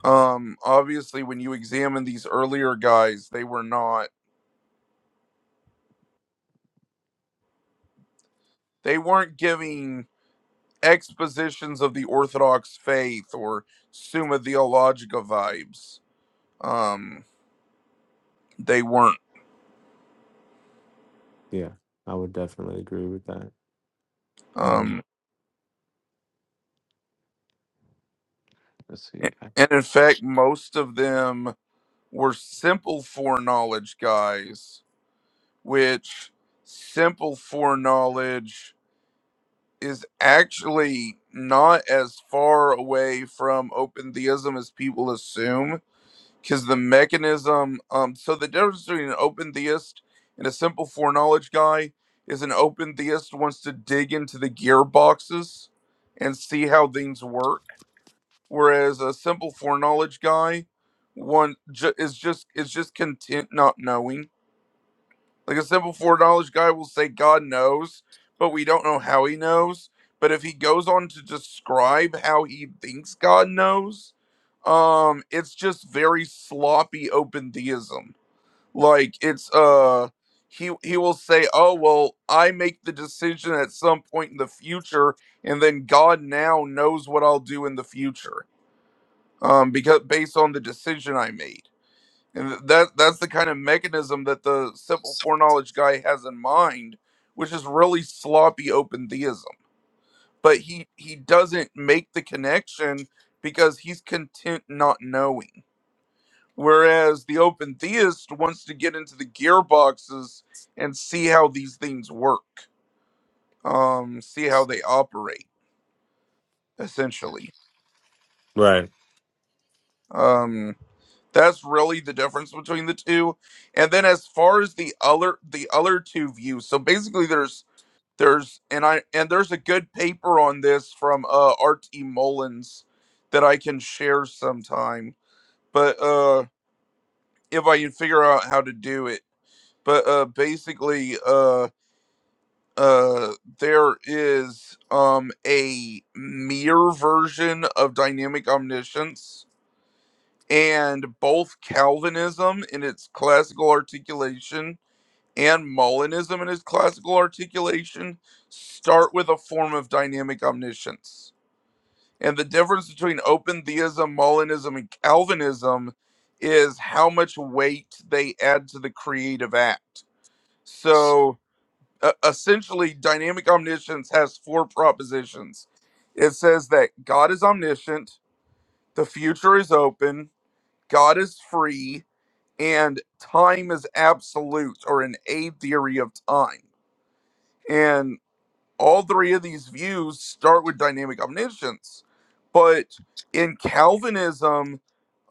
S3: Um, obviously, when you examine these earlier guys, they were not, they weren't giving expositions of the Orthodox faith or Summa Theologica vibes. Um, they weren't.
S1: yeah, I would definitely agree with that. Um,
S3: Um,
S1: let's see. I-
S3: and in fact, most of them were simple foreknowledge guys, which simple foreknowledge is actually not as far away from open theism as people assume because the mechanism um so the difference between an open theist and a simple foreknowledge guy is an open theist wants to dig into the gearboxes and see how things work whereas a simple foreknowledge guy one ju- is just is just content not knowing like a simple four foreknowledge guy will say God knows, but we don't know how he knows. But if he goes on to describe how he thinks God knows, um, it's just very sloppy open theism. Like it's uh he he will say, Oh well, I make the decision at some point in the future, and then God now knows what I'll do in the future. Um, because based on the decision I made. And that that's the kind of mechanism that the simple foreknowledge guy has in mind, which is really sloppy open theism. But he he doesn't make the connection because he's content not knowing. Whereas the open theist wants to get into the gearboxes and see how these things work, um, see how they operate, essentially.
S1: Right.
S3: Um, that's really the difference between the two. And then as far as the other the other two views, so basically there's There's and I and there's a good paper on this from uh RT Mullins that I can share sometime. But uh if I can figure out how to do it. But uh basically uh uh there is um a mere version of dynamic omniscience and both Calvinism in its classical articulation and Molinism in its classical articulation start with a form of dynamic omniscience. And the difference between open theism, Molinism, and Calvinism is how much weight they add to the creative act. So uh, essentially, dynamic omniscience has four propositions it says that God is omniscient, the future is open, God is free, and time is absolute or an A theory of time. and all three of these views start with dynamic omniscience but in calvinism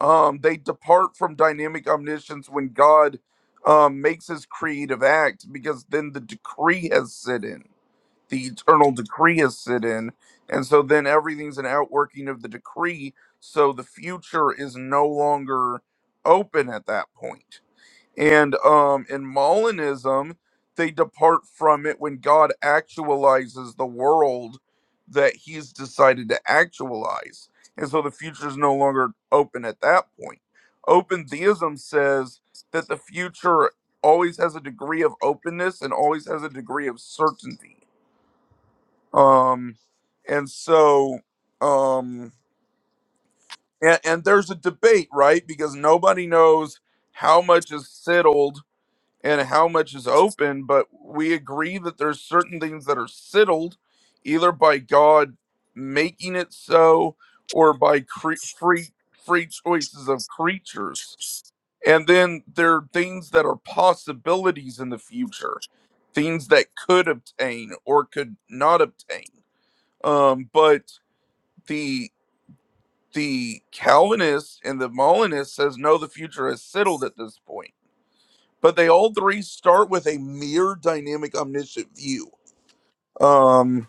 S3: um, they depart from dynamic omniscience when god um, makes his creative act because then the decree has set in the eternal decree has set in and so then everything's an outworking of the decree so the future is no longer open at that point and um, in Molinism, they depart from it when God actualizes the world that He's decided to actualize. And so the future is no longer open at that point. Open theism says that the future always has a degree of openness and always has a degree of certainty. Um, and so, um, and, and there's a debate, right? Because nobody knows how much is settled and how much is open, but we agree that there's certain things that are settled either by God making it so or by cre- free free choices of creatures. And then there are things that are possibilities in the future, things that could obtain or could not obtain. Um, but the the Calvinist and the Molinist says no, the future is settled at this point but they all three start with a mere dynamic omniscient view um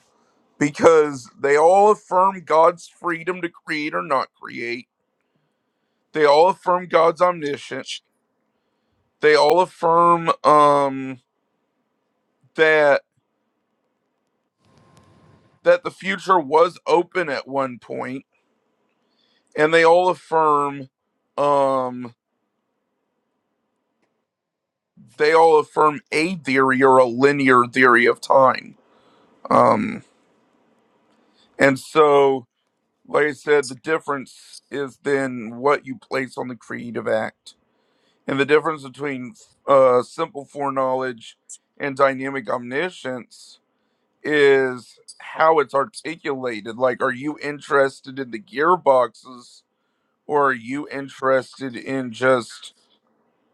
S3: because they all affirm god's freedom to create or not create they all affirm god's omniscient they all affirm um that that the future was open at one point and they all affirm um they all affirm a theory or a linear theory of time um and so Like I said, the difference is then what you place on the creative act. And the difference between uh, simple foreknowledge and dynamic omniscience is how it's articulated. Like, are you interested in the gearboxes or are you interested in just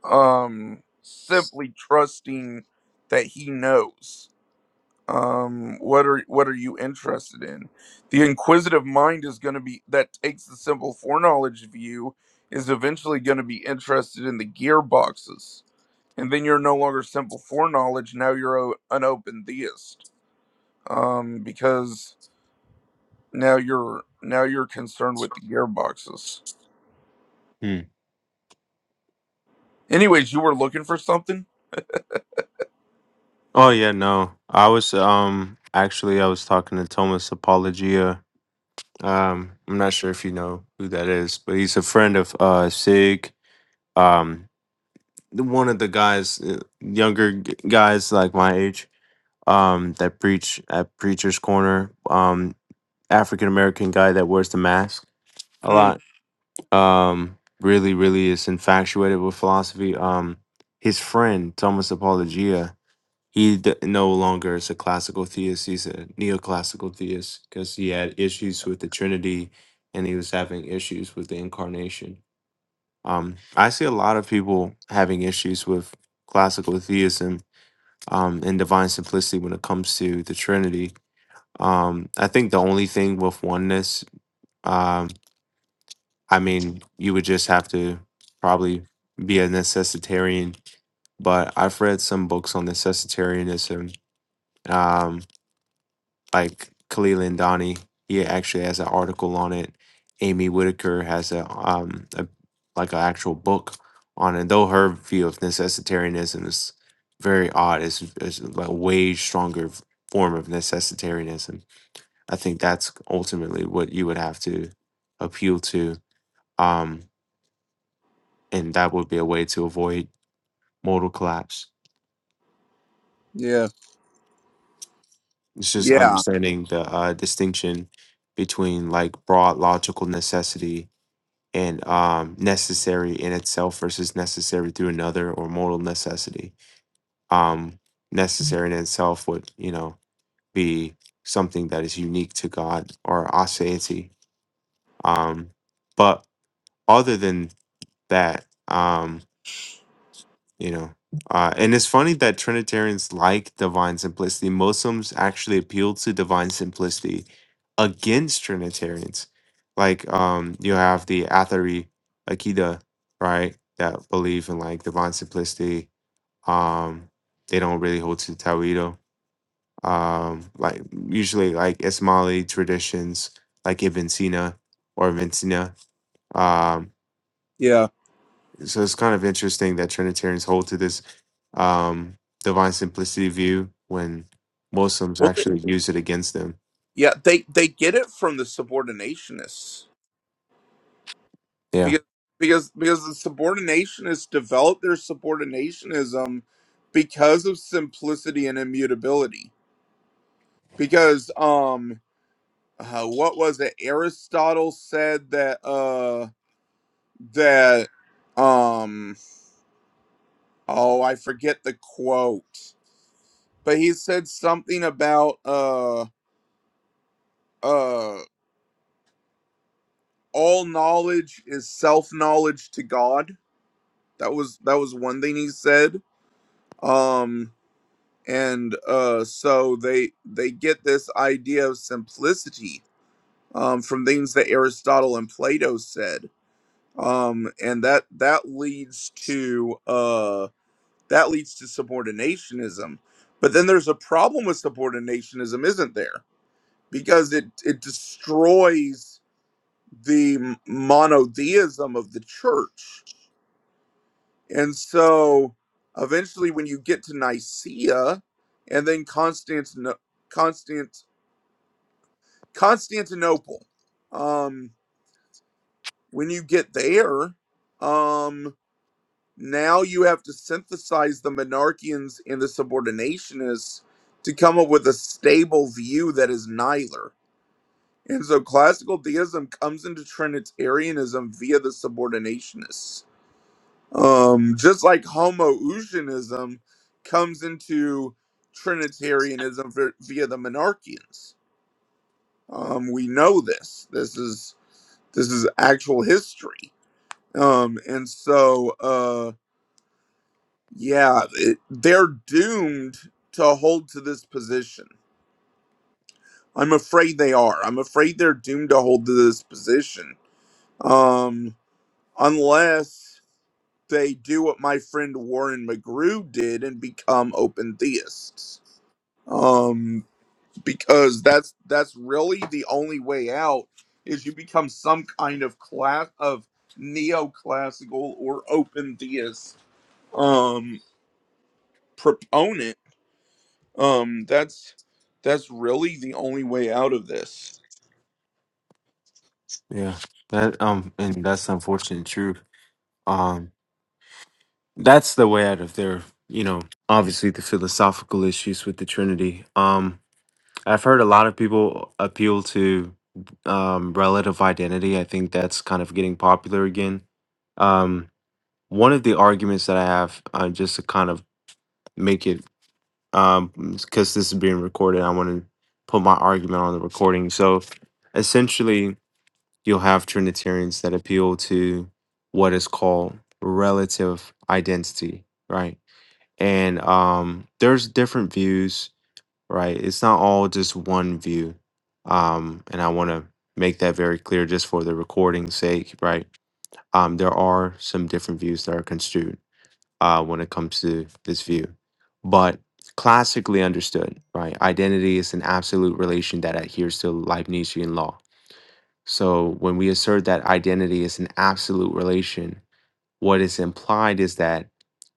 S3: um, simply trusting that he knows? um what are what are you interested in the inquisitive mind is going to be that takes the simple foreknowledge view is eventually going to be interested in the gearboxes and then you're no longer simple foreknowledge now you're o- an open theist um because now you're now you're concerned with the gearboxes
S1: Hmm.
S3: anyways you were looking for something
S1: Oh yeah, no. I was um actually I was talking to Thomas Apologia. Um I'm not sure if you know who that is, but he's a friend of uh Sig. Um the- one of the guys uh, younger g- guys like my age um that preach at Preacher's Corner. Um African American guy that wears the mask a
S3: Mm,
S1: lot. Um really really is infatuated with philosophy. Um his friend Thomas Apologia He d- no longer is a classical theist. He's a neoclassical theist because he had issues with the Trinity and he was having issues with the incarnation. Um, I see a lot of people having issues with classical theism um, and divine simplicity when it comes to the Trinity. Um, I think the only thing with oneness, um, I mean, you would just have to probably be a necessitarian, but I've read some books on necessitarianism. Um, like Khalil and Donnie. He actually has an article on it. Amy Whitaker has a um a, like an actual book on it. Though her view of necessitarianism is very odd. It's, it's like a way stronger f- form of necessitarianism. I think that's ultimately what you would have to appeal to. Um, and that would be a way to avoid modal collapse.
S3: yeah
S1: It's just
S3: yeah
S1: understanding the uh, distinction between like broad logical necessity and um, necessary in itself versus necessary through another or mortal necessity. Um, necessary in itself would, you know, be something that is unique to God or aseity. Um, but other than that, um, you know uh, and it's funny that trinitarians like divine simplicity muslims actually appeal to divine simplicity against trinitarians like um you have the athari akida right that believe in like divine simplicity um they don't really hold to Tawido. um like usually like ismaili traditions like ibn sina or Vincina. sina Um,
S3: yeah
S1: so it's kind of interesting that Trinitarians hold to this um, divine simplicity view when Muslims
S3: well they,
S1: actually use it against them.
S3: yeah they they get it from the subordinationists
S1: Yeah,
S3: because because because the subordinationists develop their subordinationism because of simplicity and immutability because um uh, what was it aristotle said that uh that um oh i forget the quote but he said something about uh uh all knowledge is self knowledge to god that was that was one thing he said Um. and uh, so they they get this idea of simplicity um, from things that Aristotle and Plato said, um, and that that leads to uh, that leads to subordinationism. But then there's a problem with subordinationism, isn't there? Because it it destroys the m- monotheism of the church, and so eventually, when you get to Nicaea, and then Constantinople. Constantinople. Um, when you get there, um, now you have to synthesize the monarchians and the subordinationists to come up with a stable view that is neither. And so classical deism comes into Trinitarianism via the subordinationists. Um, just like Homoousianism comes into Trinitarianism vi- via the monarchians. Um, we know this. This is this is actual history um and so uh yeah it, they're doomed to hold to this position i'm afraid they are i'm afraid they're doomed to hold to this position um unless they do what my friend warren mcgrew did and become open theists um because that's that's really the only way out is you become some kind of class of neoclassical or open theist um proponent um that's that's really the only way out of this
S1: yeah, that um, and that's unfortunate truth. Um, that's the way out of their, you know, obviously the philosophical issues with the Trinity. Um, I've heard a lot of people appeal to um, relative identity. I think that's kind of getting popular again. Um, one of the arguments that I have, uh, just to kind of make it um because this is being recorded i want to put my argument on the recording so essentially you'll have trinitarians that appeal to what is called relative identity right and um there's different views right it's not all just one view um and i want to make that very clear just for the recording's sake right um there are some different views that are construed uh, when it comes to this view. But classically understood, right? Identity is an absolute relation that adheres to Leibnizian law. So when we assert that identity is an absolute relation, what is implied is that,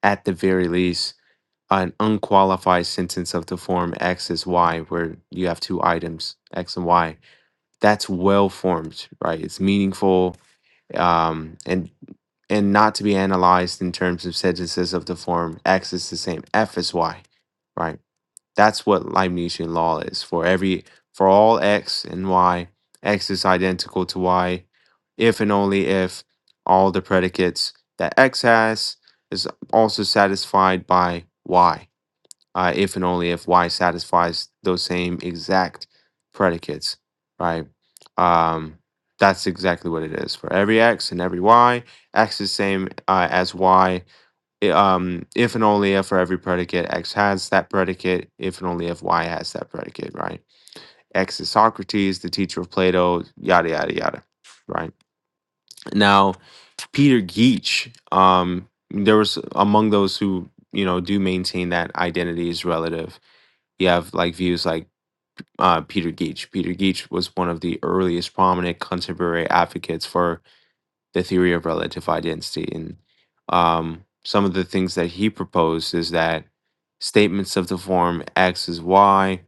S1: at the very least, an unqualified sentence of the form X is Y, where you have two items, X and Y, that's well formed, right? It's meaningful, um, and and not to be analyzed in terms of sentences of the form x is the same f is y, right? That's what Leibnizian law is. For every for all x and y, x is identical to y, if and only if all the predicates that x has is also satisfied by y uh, if and only if Y satisfies those same exact predicates, right? Um, that's exactly what it is for every X and every Y. X is same uh, as Y. i- um, if and only if for every predicate X has that predicate, if and only if Y has that predicate, right? X is Socrates, the teacher of Plato, yada yada yada, right? Now Peter Geach, um, there was among those who you know do maintain that identity is relative you have like views like uh, Peter Geach. Peter Geach was one of the earliest prominent contemporary advocates for the theory of relative identity, and um, some of the things that he proposed is that statements of the form X is Y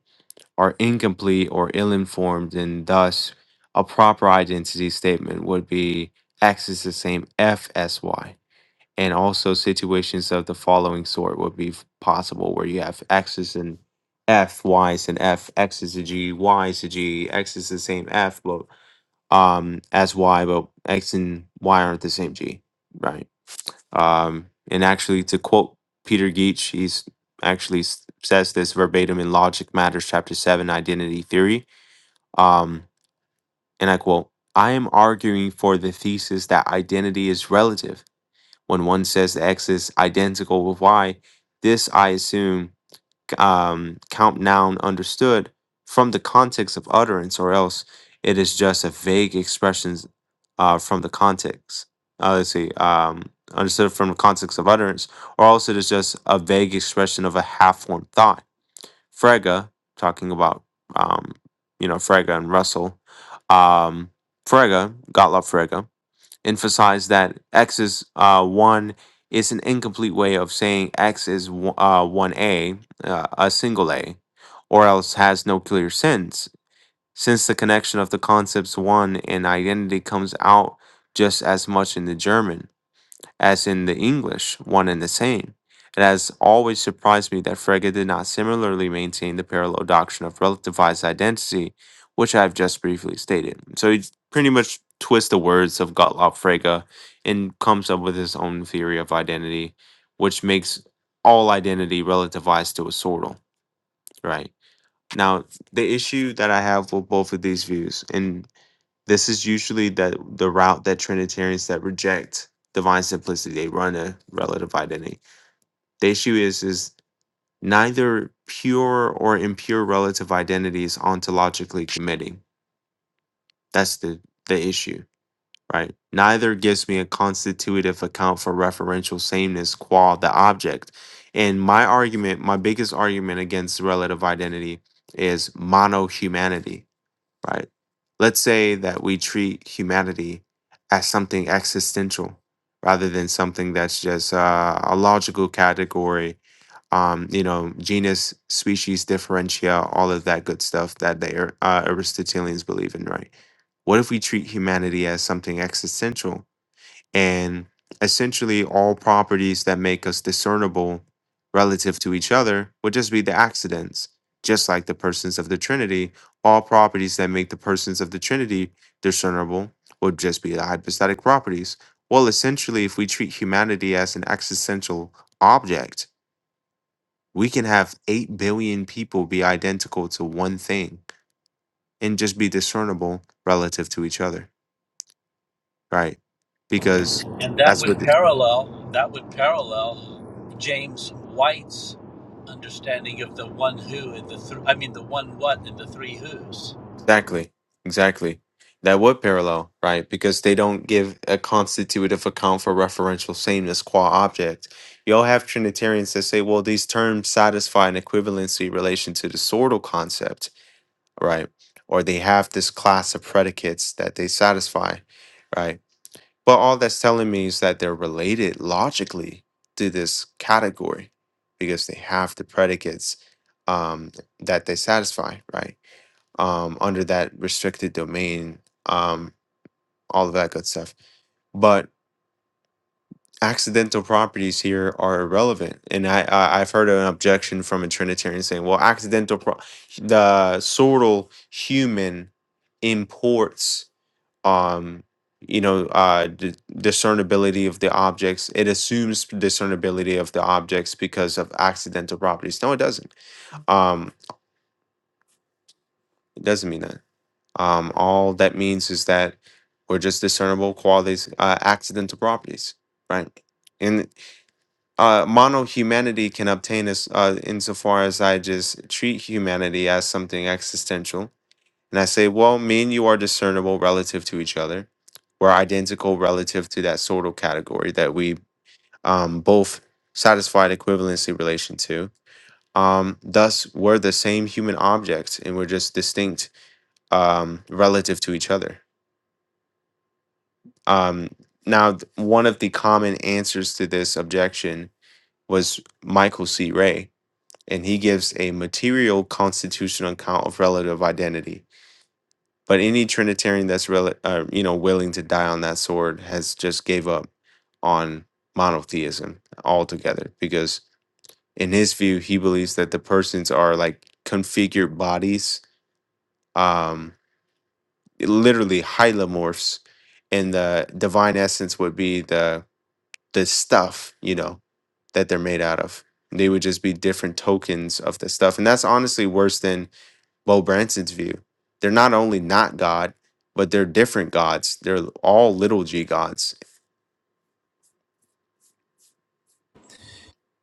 S1: are incomplete or ill-informed, and thus a proper identity statement would be X is the same F as Y and also situations of the following sort would be f- possible where you have x's and f y's and f x is a g y is a g x is the same f but um as y but x and y aren't the same g right um and actually to quote peter geach he's actually s- says this verbatim in logic matters chapter 7 identity theory um and i quote i am arguing for the thesis that identity is relative when one says that X is identical with Y, this, I assume, um, count noun understood from the context of utterance, or else it is just a vague expression uh, from the context. Uh, let's see, um, understood from the context of utterance, or else it is just a vague expression of a half formed thought. Frege, talking about, um, you know, Frege and Russell, um, Frege, Gottlob Frege emphasize that x is uh, 1 is an incomplete way of saying x is wo- uh, 1a, uh, a single a, or else has no clear sense, since the connection of the concepts 1 and identity comes out just as much in the German as in the English, one and the same. It has always surprised me that Frege did not similarly maintain the parallel doctrine of relativized identity, which I've just briefly stated. So he pretty much twists the words of Gottlob Frege and comes up with his own theory of identity, which makes all identity relativized to a sortal, right? Now, the issue that I have with both of these views, and this is usually that the route that Trinitarians that reject divine simplicity, they run a relative identity. The issue is is neither pure or impure relative identity is ontologically committing. That's the the issue, right? Neither gives me a constitutive account for referential sameness qua the object. And my argument, my biggest argument against relative identity is monohumanity right? Let's say that we treat humanity as something existential rather than something that's just uh, a logical category, um, you know, genus, species, differentia, all of that good stuff that the Ar- uh, Aristotelians believe in, right? What if we treat humanity as something existential and essentially all properties that make us discernible relative to each other would just be the accidents just like the persons of the trinity all properties that make the persons of the trinity discernible would just be the hypostatic properties well essentially if we treat humanity as an existential object we can have 8 billion people be identical to one thing and just be discernible relative to each other right because
S4: And that
S1: that's
S4: would
S1: what
S4: parallel that would parallel James White's understanding of the one who and the three I mean the one what and the three who's.
S1: Exactly. Exactly. That would parallel, right? Because they don't give a constitutive account for referential sameness qua object. You'll have Trinitarians that say, well, these terms satisfy an equivalency relation to the sortal concept, right? Or they have this class of predicates that they satisfy, right? But all that's telling me is that they're related logically to this category because they have the predicates um, that they satisfy, right? um, under that restricted domain, um, all of that good stuff. But accidental properties here are irrelevant, and I, I I've heard an objection from a Trinitarian saying, "Well, accidental pro- the sortal human imports." Um, you know, uh, d- discernibility of the objects. It assumes discernibility of the objects because of accidental properties. No, it doesn't. Um, it doesn't mean that. Um, all that means is that we're just discernible qualities, uh, accidental properties, right? And uh, mono humanity can obtain us uh, insofar as I just treat humanity as something existential. And I say, well, me and you are discernible relative to each other. We're identical relative to that sortal category that we um, both satisfied equivalency relation to. Um, thus, we're the same human objects, and we're just distinct um, relative to each other Um, now, th- one of the common answers to this objection was Michael C. Ray, and he gives a material constitutional account of relative identity. But any Trinitarian that's rel- uh, you know willing to die on that sword has just gave up on monotheism altogether because in his view he believes that the persons are like configured bodies, um, literally hylomorphs, and the divine essence would be the the stuff, you know, that they're made out of. They would just be different tokens of the stuff. And that's honestly worse than Bo Branson's view. They're not only not God, but they're different gods. They're all little g gods.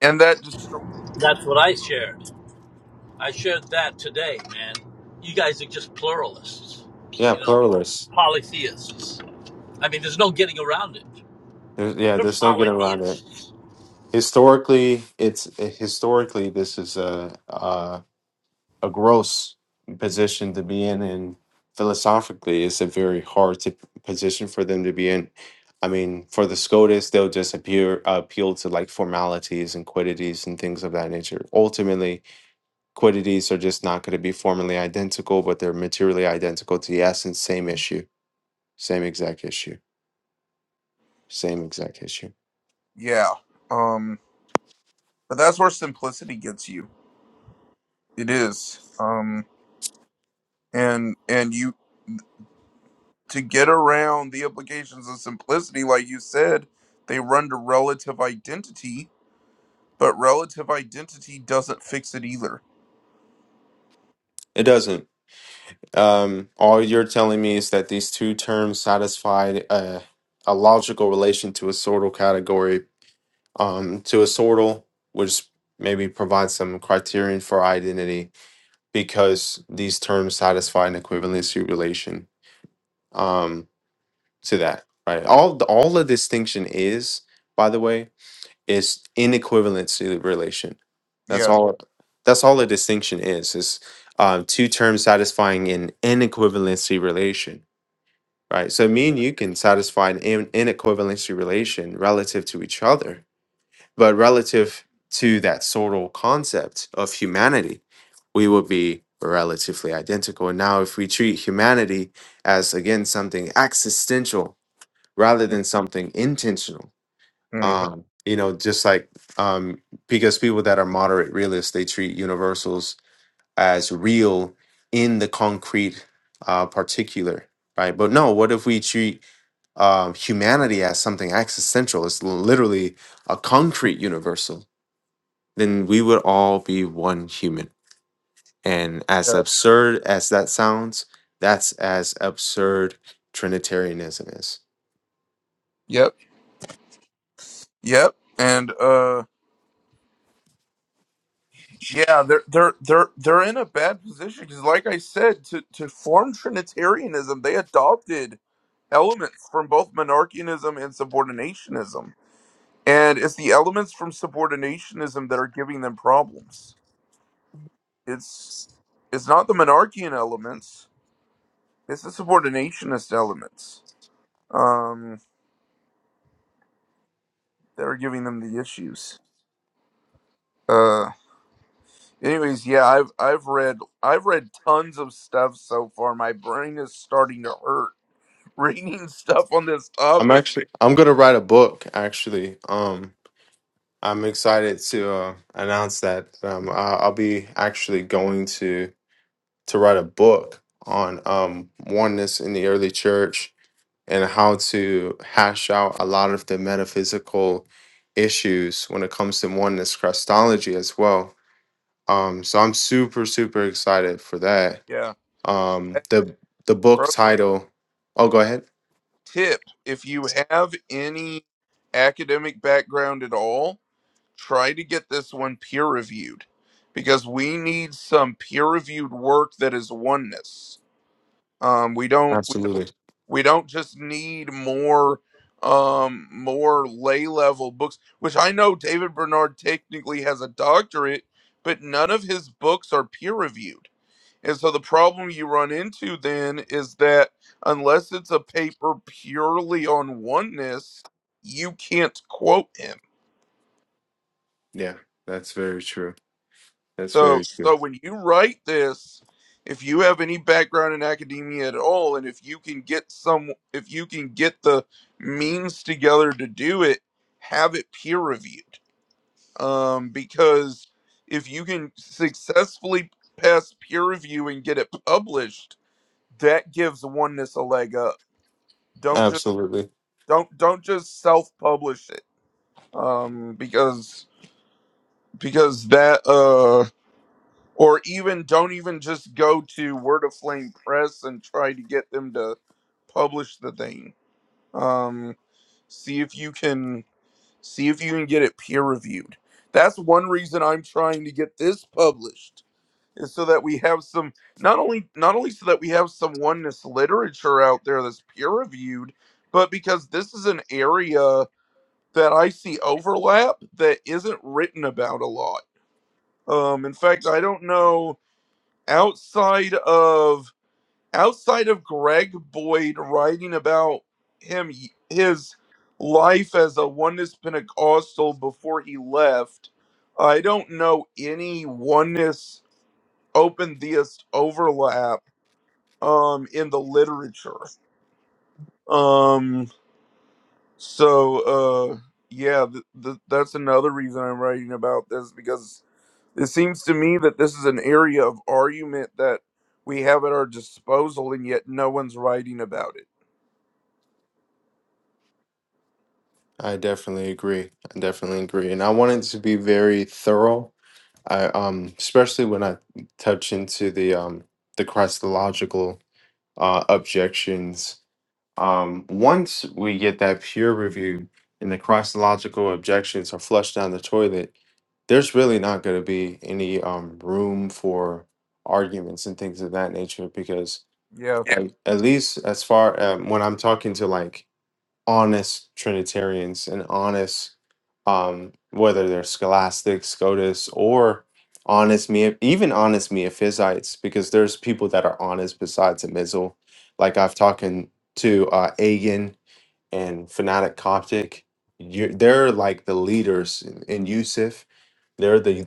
S3: and that just
S4: That's what I shared. I shared that today, man. You guys are just pluralists,
S1: Yeah,
S4: you know, or
S1: pluralists.
S4: polytheists. I mean, there's no getting around it.
S1: There's, yeah,
S4: They're
S1: there's no getting around it.
S4: polytheists.
S1: Historically, it's historically this is a, a gross position to be in, and philosophically, it's a very hard to, position for them to be in. I mean, for the SCOTUS, they'll just appear, appeal to like formalities and quiddities and things of that nature. Ultimately, quiddities are just not going to be formally identical, but they're materially identical to the essence, same issue, same exact issue, same exact issue.
S3: yeah um but that's where simplicity gets you it is um and and you to get around the implications of simplicity like you said they run to relative identity But relative identity doesn't fix it either.
S1: It doesn't. Um, all you're telling me is that these two terms satisfied a, a logical relation to a sortal category um, to a sortal, which maybe provides some criterion for identity because these terms satisfy an equivalency relation um, to that. Right. All the, all the distinction is, by the way, is inequivalency relation. That's
S3: Yeah.
S1: all. That's all the distinction is. Is um, two terms satisfying an inequivalency relation. Right. So me and you can satisfy an in- inequivalency relation relative to each other but relative to that sort of concept of humanity, we would be relatively identical. And now, if we treat humanity as again something existential rather than something intentional,
S3: Mhm.
S1: um, you know, just like um, because people that are moderate realists, they treat universals as real in the concrete uh, particular, right? But no, what if we treat um, humanity as something existential? It's literally a concrete universal then we would all be one human. And as
S3: Yeah.
S1: absurd as that sounds, that's as absurd Trinitarianism is.
S3: Yep. Yep. And uh, yeah, they're they're they're they're in a bad position because, like I said, to to form Trinitarianism, they adopted elements from both monarchianism and subordinationism. and it's the elements from subordinationism that are giving them problems it's it's not the monarchian elements it's the subordinationist elements um that are giving them the issues uh anyways yeah i've i've read i've read tons of stuff so far my brain is starting to hurt reading stuff on this
S1: I'm
S3: topic
S1: actually I'm gonna write a book. Actually, um, I'm excited to uh, announce that um, I- I'll be actually going to to write a book on um, oneness in the early church and how to hash out a lot of the metaphysical issues when it comes to oneness Christology as well Um, so I'm super super excited for that.
S3: yeah
S1: Um,
S3: Hey,
S1: the the book
S3: pro
S1: title. Oh, go ahead.
S3: tip if you have any academic background at all try to get this one peer reviewed because we need some peer reviewed work that is oneness. Um, we don't we
S1: Absolutely.
S3: don't we don't just need more um more lay level books which i know david bernard technically has a doctorate but none of his books are peer reviewed and so the problem you run into then is that unless it's a paper purely on oneness you can't quote him
S1: Yeah, that's very true. That's
S3: So,
S1: very true.
S3: so when you write this, if you have any background in academia at all, and if you can get some, if you can get the means together to do it, have it peer reviewed. Um, because if you can successfully pass peer review and get it published, that gives oneness a leg up. Don't just
S1: Absolutely.
S3: don't don't just self publish it. Um, because because that uh or even don't even just go to Word of Flame Press and try to get them to publish the thing. Um, see if you can see if you can get it peer reviewed. That's one reason I'm trying to get this published is so that we have some not only not only so that we have some oneness literature out there that's peer reviewed, but because this is an area that I see overlap that isn't written about a lot. Um, in fact, I don't know outside of outside of Greg Boyd writing about him his life as a oneness Pentecostal before he left, I don't know any oneness open theist overlap um in the literature. Um so uh yeah, th- th- that's another reason I'm writing about this because It seems to me that this is an area of argument that we have at our disposal, and yet no one's writing about it.
S1: I definitely agree. I definitely agree. And I wanted to be very thorough. I um especially when I touch into the um the Christological uh objections Um, once we get that peer review and the cross-logical objections are flushed down the toilet, there's really not going to be any um, room for arguments and things of that nature because,
S3: Yeah,
S1: Yeah. like, at least as far um, when I'm talking to like honest Trinitarians and honest, um, whether they're scholastics, Scotus, or honest me, even honest Miaphysites, because there's people that are honest besides a Mizzle. Like I've talking to uh, Agin and Fanatic Coptic, you they're like the leaders in, in Yusuf. They're the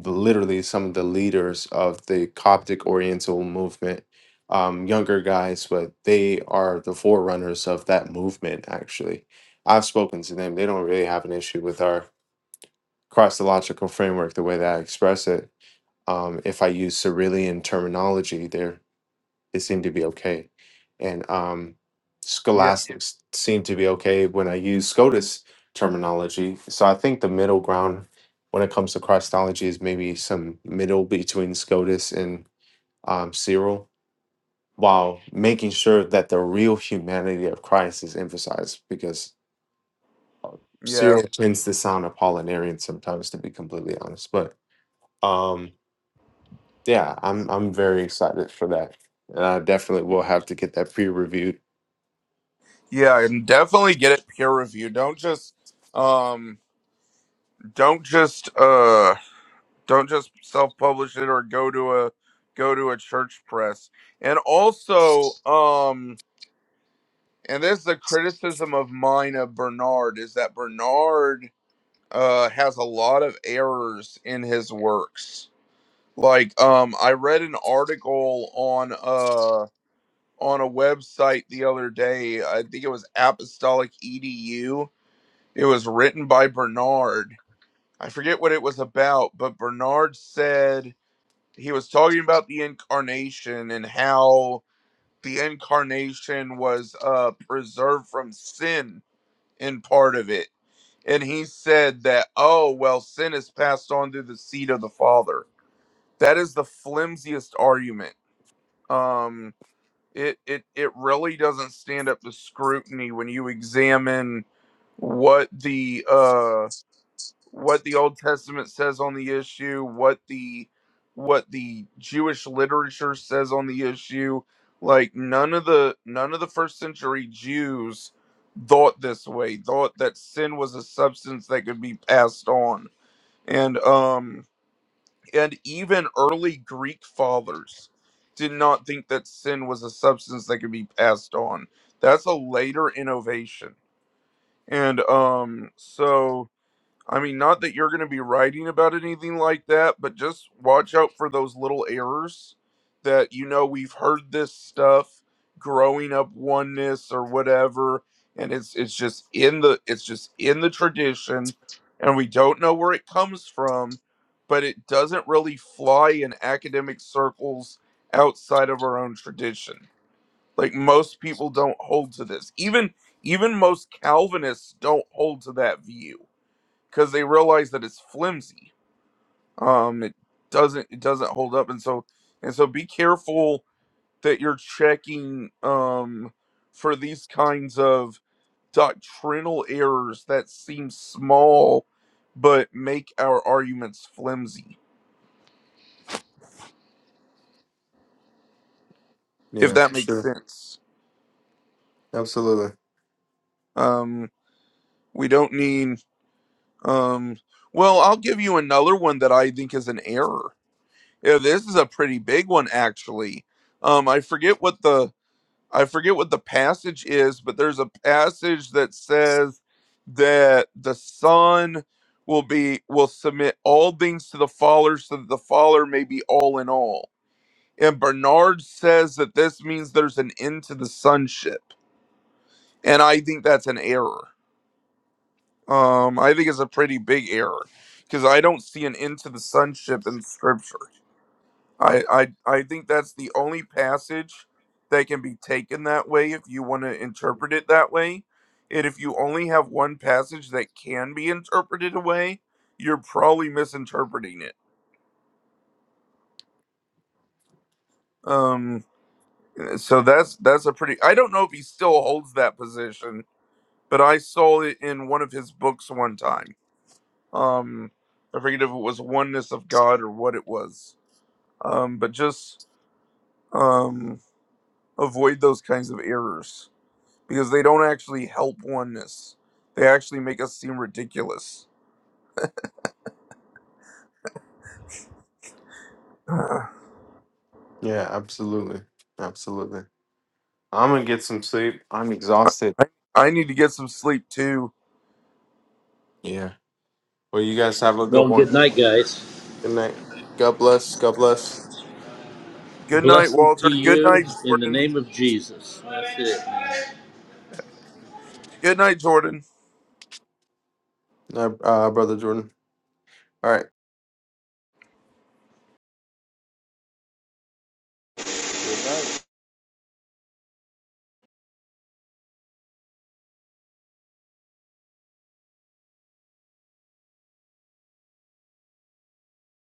S1: the- literally some of the leaders of the Coptic Oriental movement. Um, younger guys, but they are the forerunners of that movement. Actually, I've spoken to them. They don't really have an issue with our Christological framework, the way that I express it. Um, if I use Cyrillian terminology, there. They seem to be okay. And um,
S3: yeah,
S1: scholastics seem to be okay when I use SCOTUS terminology. So I think the middle ground when it comes to Christology is maybe some middle between SCOTUS and um, Cyril, while making sure that the real humanity of Christ is emphasized because
S3: yeah,
S1: Cyril tends to sound Apollinarian sometimes, to be completely honest. But um, yeah, I'm I'm very excited for that. And I definitely will have to get that pre-reviewed.
S3: yeah. And definitely get it peer reviewed. Don't just, um, don't just, uh, don't just self-publish it or go to a go to a church press. And also, um, and this is a criticism of mine of Bernard is that Bernard uh has a lot of errors in his works Like, um, I read an article on uh on a website the other day. I think it was Apostolic Edu. It was written by Bernard. I forget what it was about, but Bernard said he was talking about the incarnation and how the incarnation was uh preserved from sin in part of it. And he said that, oh, well, sin is passed on through the seed of the Father. That is the flimsiest argument um it it it really doesn't stand up to scrutiny when you examine what the uh what the old testament says on the issue what the what the jewish literature says on the issue like none of the none of the first century jews thought this way thought that sin was a substance that could be passed on and um and even early Greek fathers did not think that sin was a substance that could be passed on. That's a later innovation. And um so I mean, not that you're going to be writing about anything like that, but just watch out for those little errors that, you know, we've heard this stuff growing up oneness or whatever. And it's, it's just in the, it's just in the tradition and we don't know where it comes from, but it doesn't really fly in academic circles outside of our own tradition. Like most people don't hold to this. Even, even most Calvinists don't hold to that view because they realize that it's flimsy. Um, it doesn't it doesn't hold up, and so and so be careful that you're checking um for these kinds of doctrinal errors that seem small but make our arguments flimsy. If
S1: Yeah,
S3: that
S1: for sure.
S3: makes sense,
S1: Absolutely.
S3: um, we don't need um. Well, I'll give you another one that I think is an error. Yeah, this is a pretty big one actually. Um, I forget what the I forget what the passage is, but there's a passage that says that the son will be will submit all things to the father so that the father may be all in all. And Bernard says that this means there's an end to the sonship. And I think that's an error. Um, I think it's a pretty big error because I don't see an end to the sonship in scripture. I, I I think that's the only passage that can be taken that way if you want to interpret it that way. And if you only have one passage that can be interpreted away, you're probably misinterpreting it. Um eh, so that's that's a pretty I don't know if he still holds that position, but I saw it in one of his books one time. Um I forget if it was oneness of God or what it was. Um but just um avoid those kinds of errors. because they don't actually help oneness. They actually make us seem ridiculous. Ugh.
S1: Yeah, absolutely. Absolutely. I'm gonna get some sleep. I'm exhausted.
S3: I, I need to get some sleep too.
S1: Yeah. Well, you guys have a good
S4: Well,
S1: one.
S4: good night, guys.
S1: Good night. God bless. God bless.
S3: Good night,
S4: Blessings to
S3: Walter. Good
S4: you
S3: night,
S4: in the
S3: Jordan.
S4: name of Jesus. That's it.
S3: Good night, Jordan.
S1: Uh, uh, brother Jordan. All right.
S2: on.